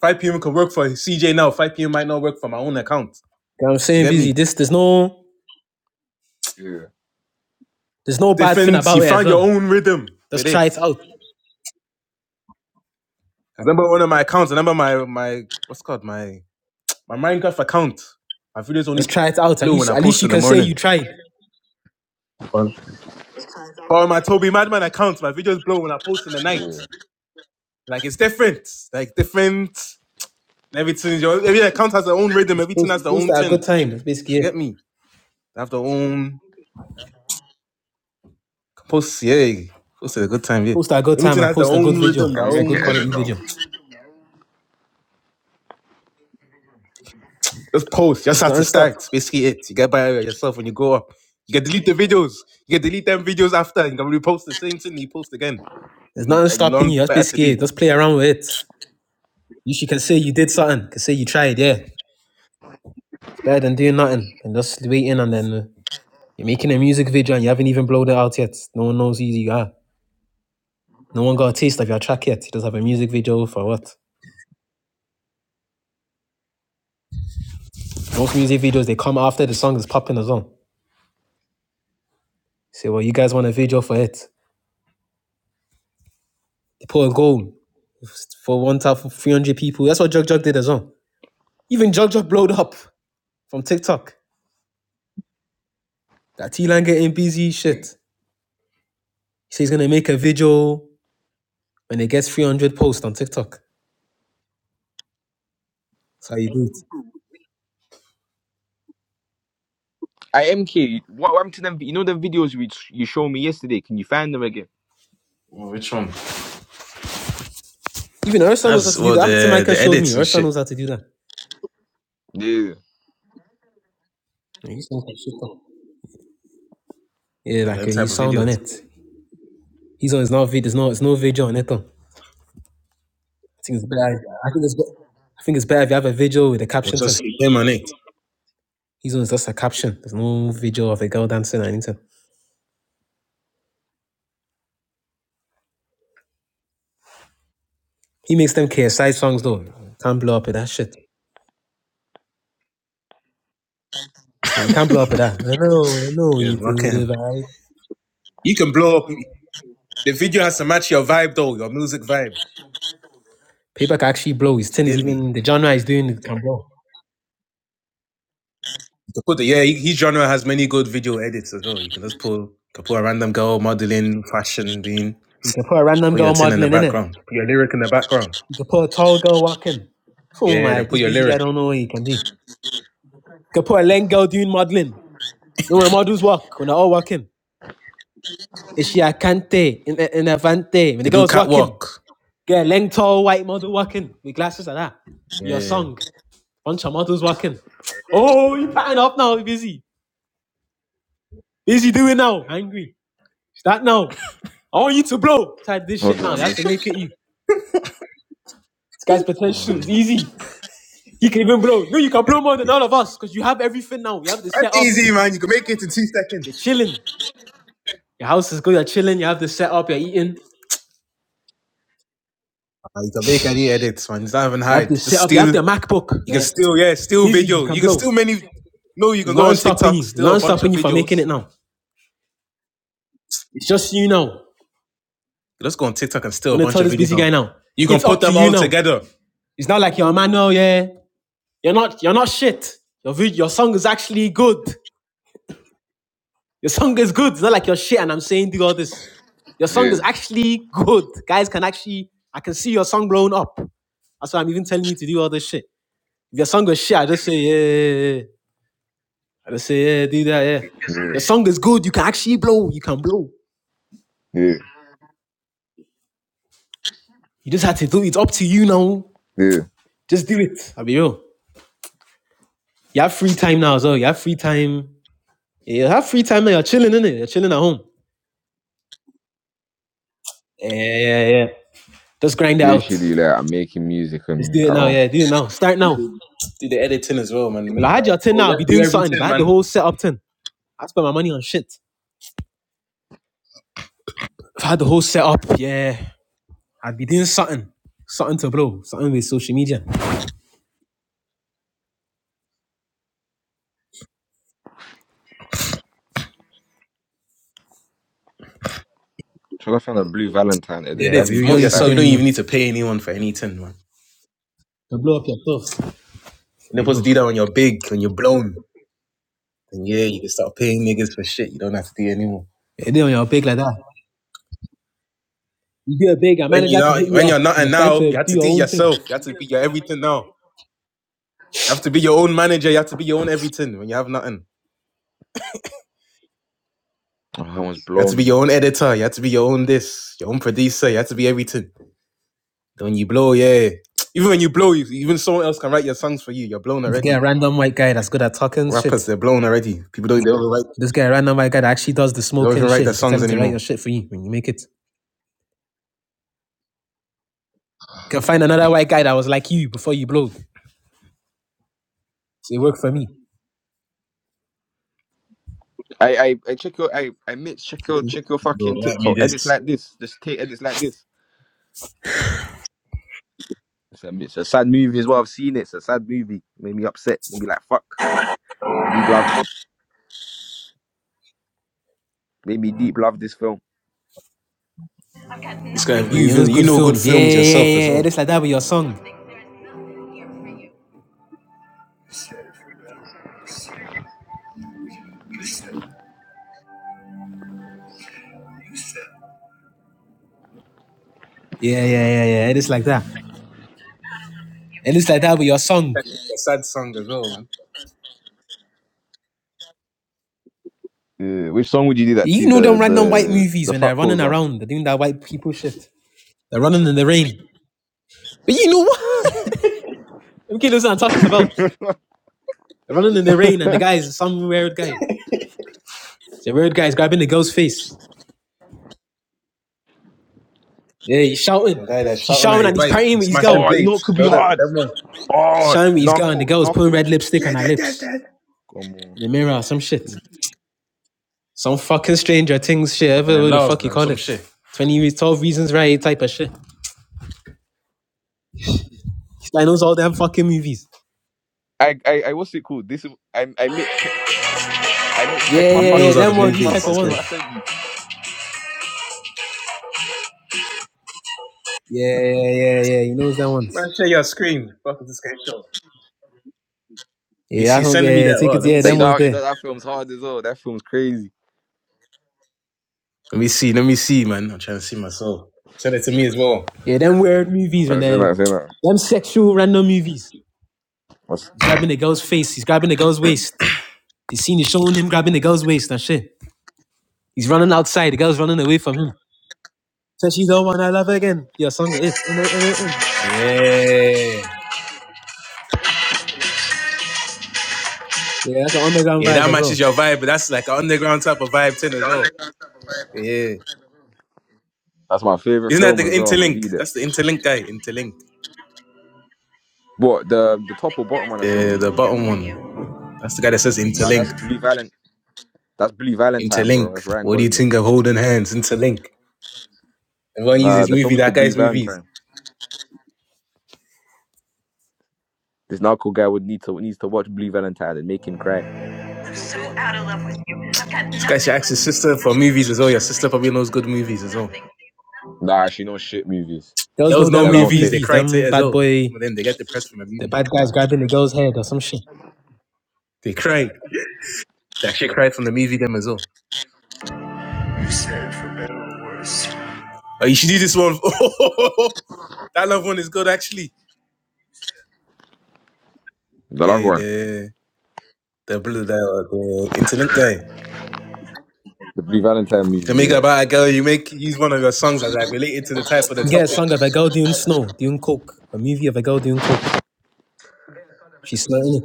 S3: 5 p.m. can work for CJ now. 5 p.m. might not work for my own account.
S2: know I'm
S3: Do you
S2: saying
S3: get
S2: busy.
S3: me?
S2: This there's no
S1: yeah,
S2: there's no bad thing
S3: Different.
S2: about
S3: You
S2: it as
S3: find your
S2: well.
S3: own rhythm
S2: Just
S3: with
S2: try
S3: it.
S2: it out.
S3: I remember one of my accounts. I remember my my what's it called my my Minecraft account. My videos
S2: Just
S3: only
S2: try it out. At
S3: blow when
S2: least
S3: I
S2: at least
S3: post
S2: you
S3: in the
S2: can say you
S3: morning.
S2: tried.
S3: But on my Toby Madman account, my videos blow when I post in the night.
S1: yeah.
S3: Like it's different. Like different. Everything. Your every account has their own rhythm.
S2: Just
S3: Everything
S2: Post,
S3: has their
S2: post
S3: own
S2: at a
S3: thing.
S2: good
S3: Do
S2: time. That's basically
S3: you
S2: it.
S3: get me? They have their own. Post, yeah. Post is a good time, yeah.
S2: Post at a good time
S3: Everything
S2: and
S3: has their
S2: post a good
S3: own
S2: video.
S3: rhythm,
S1: I'm
S3: their
S1: gonna
S2: Post a
S1: make
S2: good
S1: an
S3: own.
S1: edit
S2: quality
S1: now.
S2: video.
S3: Just post, just
S2: It's
S3: have to
S2: nothing stop.
S3: start. It's Basically, it. You get by yourself when you go up. You can delete the videos. You can delete them videos after. You can repost the same thing you post again. I
S2: There's
S3: mean,
S2: nothing
S3: That you
S2: stopping
S3: learn
S2: you. That's
S3: better to
S2: basically
S3: do.
S2: it. Just play around with it. You should can say you did something. Can say you tried. Yeah, it's better than doing nothing and just waiting. And then uh, you're making a music video and you haven't even blown it out yet. No one knows who you are. No one got a taste of your track yet. You just have a music video for what? Most music videos they come after the song is popping as well. Say, well, you guys want a video for it? They put a goal for one thousand three hundred people. That's what Jug Jug did as well. Even Jug Jug blowed up from TikTok. That T Line getting busy shit. He says he's gonna make a video when it gets three hundred posts on TikTok. That's how you do it.
S1: I MK, what happened to them? You know the videos you you showed me yesterday. Can you find them again?
S3: Well, which one?
S2: Even her son knows how
S3: That's
S2: to do
S3: well
S2: that.
S3: the the
S2: Tamaika showed me.
S3: edits
S2: Her
S3: and
S2: son
S3: shit.
S2: knows how to do that.
S1: Yeah.
S2: Like, he sounds like shit, though. Yeah,
S3: Or
S2: like
S3: them
S2: uh,
S3: type
S2: he's
S3: of
S2: sound on
S3: videos.
S2: it. He's on. It's not. vid- There's no. It's no video on it. Though. I think it's better. I think it's. be- I think it's better if you have a video with a
S3: Or
S2: caption.
S3: just
S2: Thing.
S3: him on it.
S2: He's on. It's just a caption. There's no video of a girl dancing or anything. He makes them KSI songs though. Can't blow up with that shit. Yeah, You can't blow up with that. I know. I know.
S3: Yeah,
S2: You
S3: fuck
S2: do the
S3: him.
S2: vibe.
S3: You can blow up. The video has to match your vibe though, your music vibe.
S2: Paper can actually blow. His
S3: Do you
S2: tin is
S3: get me?
S2: even the genre he's doing. Can blow.
S3: To put The Yeah, he- his genre has many good video edits as well. You can just pull, can put a random girl modeling, fashion, thing,
S2: You can put a random
S3: put your
S2: girl
S3: tin in the
S2: modeling in it.
S3: background, put your lyric in the background.
S2: You can put a tall girl walking. Oh
S3: Yeah,
S2: my,
S3: then put
S2: this
S3: your
S2: busy guy
S3: lyric.
S2: don't know what he can do. You can put a lame girl doing modeling. You Know when models walk, when they're all walking. Is she a cante in in a avante?
S3: You
S2: When the
S3: can do
S2: girl's walking,
S3: catwalk.
S2: get a lame tall white model walking with glasses like that. With Your
S3: Yeah,
S2: song, bunch of models walking. Oh, you pattern up now, you busy. Busy doing now, angry. Start now. I want you to blow. Start this
S1: Hold
S2: shit
S1: on,
S2: now. You
S1: I'm
S2: have to
S1: making.
S2: make it you. This guy's potential is easy. He can even blow. You know, you can blow more than all of us because you have everything now. You have the
S3: that's
S2: setup.
S3: easy, man. You can make it in two seconds.
S2: You're chilling. Your house is good. You're chilling. You have the setup. You're eating.
S3: Uh, You can make any edits, man. It's not even
S2: You have
S3: hard.
S2: the
S3: Just
S2: setup. You
S3: steal.
S2: have the MacBook.
S3: You can
S2: Yeah.
S3: steal, yeah, steal
S2: Busy.
S3: video.
S2: You can
S3: You can steal
S2: blow.
S3: many. No, you
S2: There's
S3: can go
S2: nothing
S3: on
S2: stopping
S3: TikTok,
S2: you. There's
S3: steal a
S2: nothing
S3: bunch
S2: stopping
S3: of
S2: you from
S3: videos.
S2: making it now. It's just you now. I'm
S3: You just go on TikTok and steal a
S2: gonna
S3: bunch
S2: tell
S3: of
S2: this
S3: videos.
S2: busy
S3: and
S2: guy now.
S3: You can
S2: It's
S3: put
S2: up to
S3: them
S2: you
S3: all
S2: now.
S3: together.
S2: It's not like you're a man now. Yeah. You're not. You're not shit. Your vid- your song is actually good. Your song is good. It's not like you're shit. And I'm saying do all this. Your song
S1: Yeah,
S2: is actually good. Guys can actually. I can see your song blowing up. That's why I'm even telling you to do all this shit. If your song was shit, I just say yeah. yeah, yeah, yeah. I just say, yeah, do that, yeah.
S1: yeah,
S2: The song is good. You can actually blow. You can blow.
S1: yeah,
S2: You just have to do it. It's up to you now.
S1: yeah.
S2: Just do it. I'll be real. You have free time now as well. You have free time. You have free time now. You're chilling, innit? You're chilling at home. Yeah, yeah, yeah. Just grind it out.
S1: Usually,
S2: Just
S1: like I'm making music and
S2: do
S1: at
S2: it now.
S1: home.
S2: Yeah, do it now. Start now.
S3: Do the editing as well, man.
S2: If
S3: Make,
S2: I had
S3: uh,
S2: your 10
S3: oh, you
S2: now, I'd
S3: have
S2: be
S3: to do
S2: doing something. If
S3: everything,
S2: I had the
S3: man.
S2: whole setup 10, I'd spend my money on shit. If I had the whole setup, yeah, I'd be doing something. Something to blow. Something with social media.
S1: Should I find a Blue Valentine edit?
S3: It
S2: Yeah,
S1: That
S2: I'd
S3: is
S2: be, you
S1: movie
S2: don't
S3: promote
S1: is
S2: need to
S1: sad.
S3: yourself.
S2: pay
S3: You don't even
S2: anyone.
S3: need to pay anyone for anything, man.
S2: To blow up your stuff.
S3: You're not
S2: Be
S3: supposed to
S2: real.
S3: do that when you're big, when you're blown. And yeah, you can start paying niggas for shit. You don't have to do anymore.
S2: It did on your big like that. You do a big, a
S3: When
S2: manager
S3: you
S2: can
S3: are
S2: hit
S3: not,
S2: you
S3: when you're
S2: up.
S3: not,
S2: You're
S3: and
S2: starting
S3: now
S2: to
S3: you have
S2: do
S3: to do
S2: your
S3: it
S2: own thing.
S3: yourself. You have to be your everything now. You have to be your own manager. You have to be your own everything when you have nothing.
S1: Oh, I was
S3: You have to
S1: blown.
S3: be
S1: now.
S3: your own editor. You have to be your own this, your own producer. You have to be everything. Then when you blow, yeah. Even when you blow, you- even someone else can write your songs for you. You're blown
S2: You could get a
S3: already.
S2: random white guy that's good at talking
S3: Rappers,
S2: shit.
S3: they're blown already. People don't, they don't write,
S2: You just get a random white guy that actually does the
S3: they don't
S2: smoking
S3: even write
S2: shit.
S3: their
S2: You can tell
S3: songs
S2: him to write your
S3: anymore.
S2: shit for you when you make it. You can find another white guy that was like you before you blowed. So it worked for me.
S1: I, I, I check your, I, I mix. Check your, check your
S3: Bro,
S1: fucking
S3: write me
S1: TikTok edits
S3: this.
S1: like this. Just take edits like this. It's a, it's a sad movie as well. I've seen it. It's a sad movie. Made me upset. Made me like fuck. I need love. Made me deep love this film.
S3: This guy,
S2: And
S3: you
S2: You know,
S3: even
S2: those
S3: you
S2: good
S3: know good
S2: films. Yeah,
S3: films yourself as
S2: yeah, yeah.
S3: well.
S2: It's like that with your song. Yeah, yeah, yeah, yeah. It is like that. It is like that with your song.
S3: That's a sad song as well, man.
S1: Yeah, which song would you do that
S2: You
S1: to?
S2: know them
S1: The
S2: random white
S1: the
S2: movies
S1: the
S2: when
S1: fuck
S2: they're running
S1: calls one.
S2: around, they're doing that white people shit. They're running in the rain. But you know what? MK knows what I'm talking about. They're running in the rain and the guy is some weird guy. The weird guy is grabbing the girl's face. Yeah, he's shouting.
S3: Some guy that's
S2: He's
S3: shouting at
S2: shouting
S3: his
S2: and he's
S3: wife,
S2: partying
S3: he's
S2: with his
S3: smashing
S1: Oh,
S2: girl.
S1: you know it
S3: plates.
S1: could be
S3: The that
S1: hard.
S3: everyone,
S2: He's
S1: Oh,
S2: shouting with his girl and the
S1: knuckle,
S2: girl is putting
S1: knuckle.
S2: red lipstick on
S3: yeah,
S2: her
S3: that, that's
S2: lips
S3: that.
S1: Come on.
S2: in the mirror or some shit. Some fucking stranger things shit, whatever
S3: Man,
S2: the
S3: love
S2: fuck you
S3: man,
S2: call
S3: some
S2: it.
S3: shit.
S2: 20 re- 12 reasons right type of shit. This guy knows all them fucking movies.
S1: I I, I what's it called? This is I I made check I made check
S2: Yeah,
S1: my
S3: He
S2: yeah, yeah,
S3: knows how
S1: fucking
S3: the
S2: them
S1: check
S2: ones, these
S1: my
S3: movies.
S2: type of
S3: This
S1: fucking
S3: guy,
S2: ones.
S1: what I sent you.
S2: Yeah, yeah, yeah, yeah, he knows them ones.
S3: man, share your screen. Fuck is this guy show? Let me
S2: Yeah,
S3: see.
S2: that's one,
S3: Send me
S2: yeah, yeah,
S3: that.
S2: take
S3: Oh,
S2: it,
S3: let me
S2: yeah,
S1: Like
S2: them
S1: you know
S2: ones
S3: see.
S1: how- you
S2: there.
S1: know that film's hard as well. That film's crazy.
S3: Let me see. Let me see, man. I'm trying to see myself. Send it to me as well.
S2: Yeah, them weird movies when
S1: I say
S2: they
S1: that, say that.
S2: them sexual random movies.
S1: That's,
S2: He's grabbing the girl's face, he's grabbing the girl's waist. The scene is showing him grabbing the girl's waist and shit. He's running outside, the girl's running away from him. So she's the one I love again. Your song got it. In it, in it, in.
S3: Yeah,
S2: Yeah, that's the underground
S3: yeah, that
S2: vibe as well.
S3: matches your vibe, but that's like an underground type of vibe thing as well. Yeah,
S1: that's my favorite
S3: isn't that the
S1: film as well. I'm gonna
S3: interlink?
S1: do that.
S3: That's the interlink guy. Interlink.
S1: What the the top or bottom one I sent
S3: The
S1: you.
S3: the bottom one. That's the guy that says
S1: Nah,
S3: interlink.
S1: that's Blue Valentine. That's Blue Valentine, bro.
S3: Interlink.
S1: That's Ryan
S3: What do you
S1: Gosling.
S3: think of holding hands? Interlink. Everyone
S1: Nah,
S3: uses
S1: the
S3: movie,
S1: film's
S3: that
S1: called Blue
S3: guy's movies.
S1: Valentine. This narco guy would need to needs to watch Blue Valentine and make him cry.
S3: This guy should ask his sister for movies as well. Your sister probably knows good movies as well.
S1: Nah, she knows shit movies.
S2: Girls
S3: There
S2: know
S3: was
S1: She
S3: no
S2: them
S1: has
S2: love
S1: no
S3: movies, they
S2: movies,
S1: taste.
S3: cried to
S2: them
S3: it as
S2: bad
S3: well.
S2: boy
S3: Some of them they get depressed from a
S2: the
S3: movie.
S2: bad guy's
S1: Nah.
S2: grabbing the girl's head or some shit.
S3: They cried. They actually cried from the movie them as well. Oh, you should do this one. that love one is good actually.
S1: The love
S3: Yeah,
S1: one.
S3: the the the, the interlink guy.
S1: The Blue Valentine
S3: You
S1: movie,
S3: can make
S1: yeah.
S3: about a girl, you make use one of your songs as like related to the type of
S2: You
S3: the
S2: can get a
S3: topic.
S2: song of a girl doing snow, doing coke, a movie of a girl doing coke. She's slutting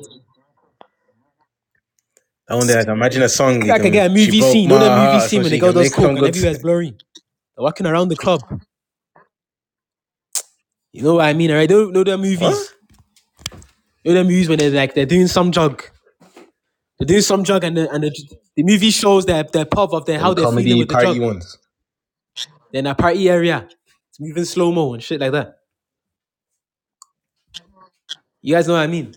S3: I wonder, like, imagine a song
S2: it.
S3: you
S2: I could
S3: can,
S2: get a
S3: she
S2: movie scene,
S3: broke
S2: you
S3: my
S2: know that movie
S3: heart, or
S2: scene when
S3: something.
S2: the
S3: You
S2: girl
S3: can
S2: does
S3: make some
S2: coke and
S3: good.
S2: everywhere's blurry. They're walking around the club. You know what I mean? Alright, they don't know their
S3: what?
S2: movies. You know their movies when they're like they're doing some drug. They're doing some drug and the, and the, the movie shows their their puff of their
S3: Them
S2: how they're feeling
S3: comedy
S2: with the
S3: party
S2: drug.
S3: ones.
S2: They're in a party area. It's moving slow mo and shit like that. You guys know what I mean?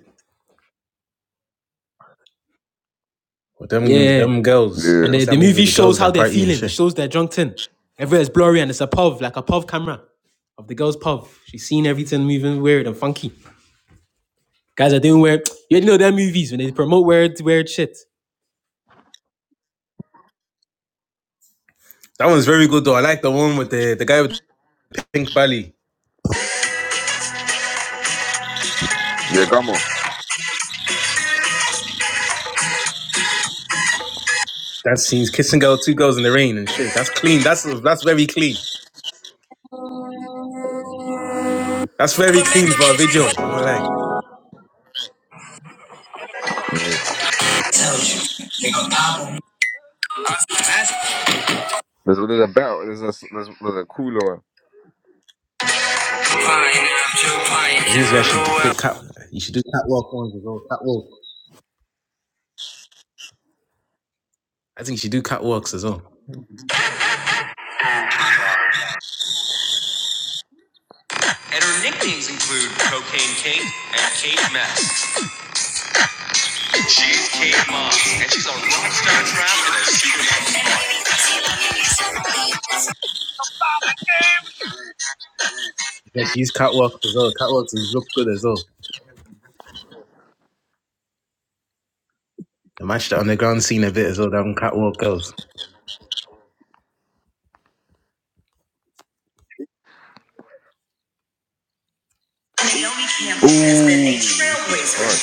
S3: Or
S2: Yeah.
S3: them
S2: yeah. yeah.
S3: them girls.
S2: And
S1: Yeah.
S2: the,
S3: What's that
S2: the
S3: movie?
S2: movie
S3: with The
S2: shows
S3: girls
S2: how
S3: that
S2: they're
S3: party and
S2: feeling. It
S3: shit.
S2: shows their drunk tin. Everywhere's blurry and it's a pov, like a pov camera of the girl's pov. She's seen everything moving weird and funky. Guys are doing weird. You already know their movies when they promote weird weird shit.
S3: That one's very good though. I like the one with the the guy with the pink belly.
S1: Yeah, Gamo.
S3: That scene's kissing girl, two girls in the rain and shit. That's clean. That's that's very clean. That's very
S2: Never met the
S3: clean for a video. I
S2: bitch,
S3: won't lie.
S1: yeah.
S2: but-
S1: There's, a- there's a better, there's a, there's, there's a cooler
S2: This
S3: I think this guy should put cat. You should do catwalk ones as well. Catwalk. I think you should do catwalks as well. And her nicknames include Cocaine Kate and Kate Mess. She's Kate Moss, and she's a rock star trapped in a supermodel's body. Yeah, she's catwalk as well. Catwalks look good as well. They matched the underground scene a bit as well. Them catwalk girls.
S1: one. Ooh, this is hard.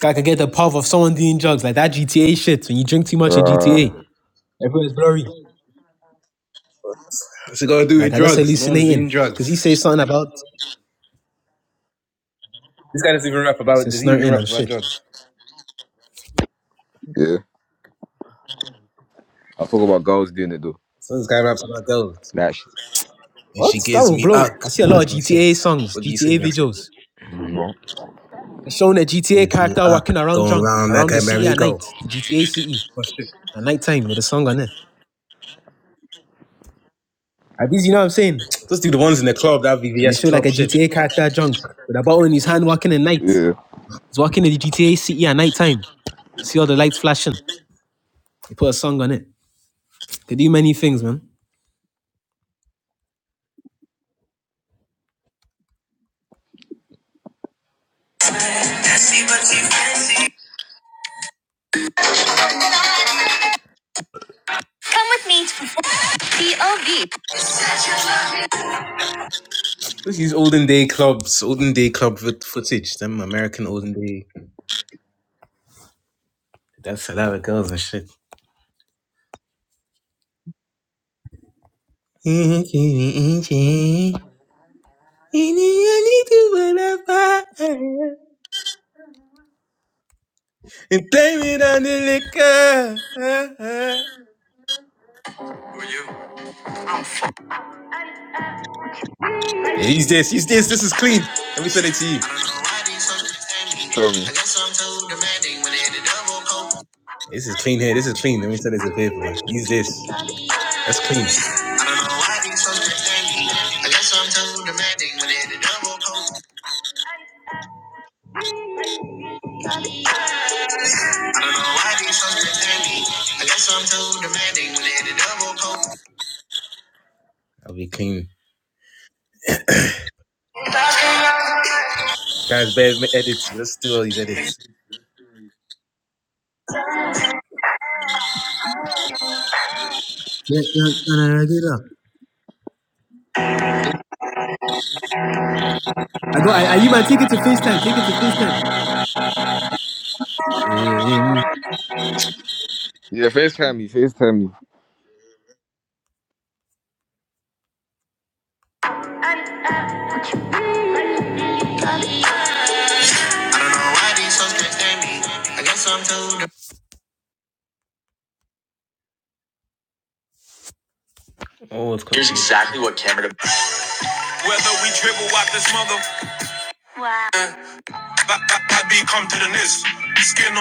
S2: guy could get the puff of someone doing drugs like that GTA shit when you drink too much in GTA.
S1: Uh,
S2: Everyone's blurry.
S3: What's it got to do
S2: Like
S3: with
S2: I just
S3: drugs? No one's
S2: hallucinating
S3: doing
S2: because he
S3: drugs.
S2: says something about
S3: This guy doesn't even rap
S2: he
S3: about.
S2: says
S3: Does he even
S2: snorting
S3: rap
S2: and
S3: about
S2: shit.
S3: drugs?
S1: Yeah. i talk about girls doing it though.
S3: So this guy raps about girls,
S1: That shit.
S3: and
S2: What?
S3: she
S2: That
S3: gives
S2: will
S3: me
S2: blow. I
S3: uck.
S2: see a lot
S3: That's
S2: of
S3: my shit.
S2: GTA songs,
S3: What do you sing
S2: GTA
S3: that song?
S2: videos.
S1: No.
S2: It's showing a GTA
S3: Gives me
S2: character
S3: uck,
S2: walking around
S3: going
S2: drunk
S3: round like
S2: around the
S3: a
S2: city at
S3: merry-go.
S2: night, the GTA city
S3: What shit?
S2: at nighttime with a song on it. At least you know what I'm saying.
S3: Just do the ones in the club, that
S2: When they
S3: VVS
S2: show like
S3: club
S2: a
S3: shit.
S2: GTA character drunk with a bottle in his hand walking at night,
S1: Yeah.
S2: he's walking in the GTA city at nighttime. You see all the lights flashing. You put a song on it. They do many things, man.
S3: Come with me to perform. POV. Let's use olden day clubs, olden day club fo- footage. Them American olden day. That's a lot of girls and shit. And blame it on the liquor. Yeah, use this, use this. This is clean. Let me send it to you.
S1: Show me.
S3: This is clean here. This is clean. Let me send it to paper. Use this. That's clean. I don't know why these so standing. I guess I'm too demanding when they hit the double poke. I don't know why these so standing. I guess I'm too demanding when they hit the double poke. I'll be clean. Guys, bear with me Let's do all these edits.
S2: Yeah, yeah, no, no, no, I get that. I got. I, I you man, take it to FaceTime. Take it to FaceTime. Yeah, yeah, me.
S1: Yeah, FaceTime me, FaceTime me.
S3: I don't know why these so standing. I guess I'm too. de- Oh, it's clean. Here's exactly what camera. Whether we dribble out this mother, skin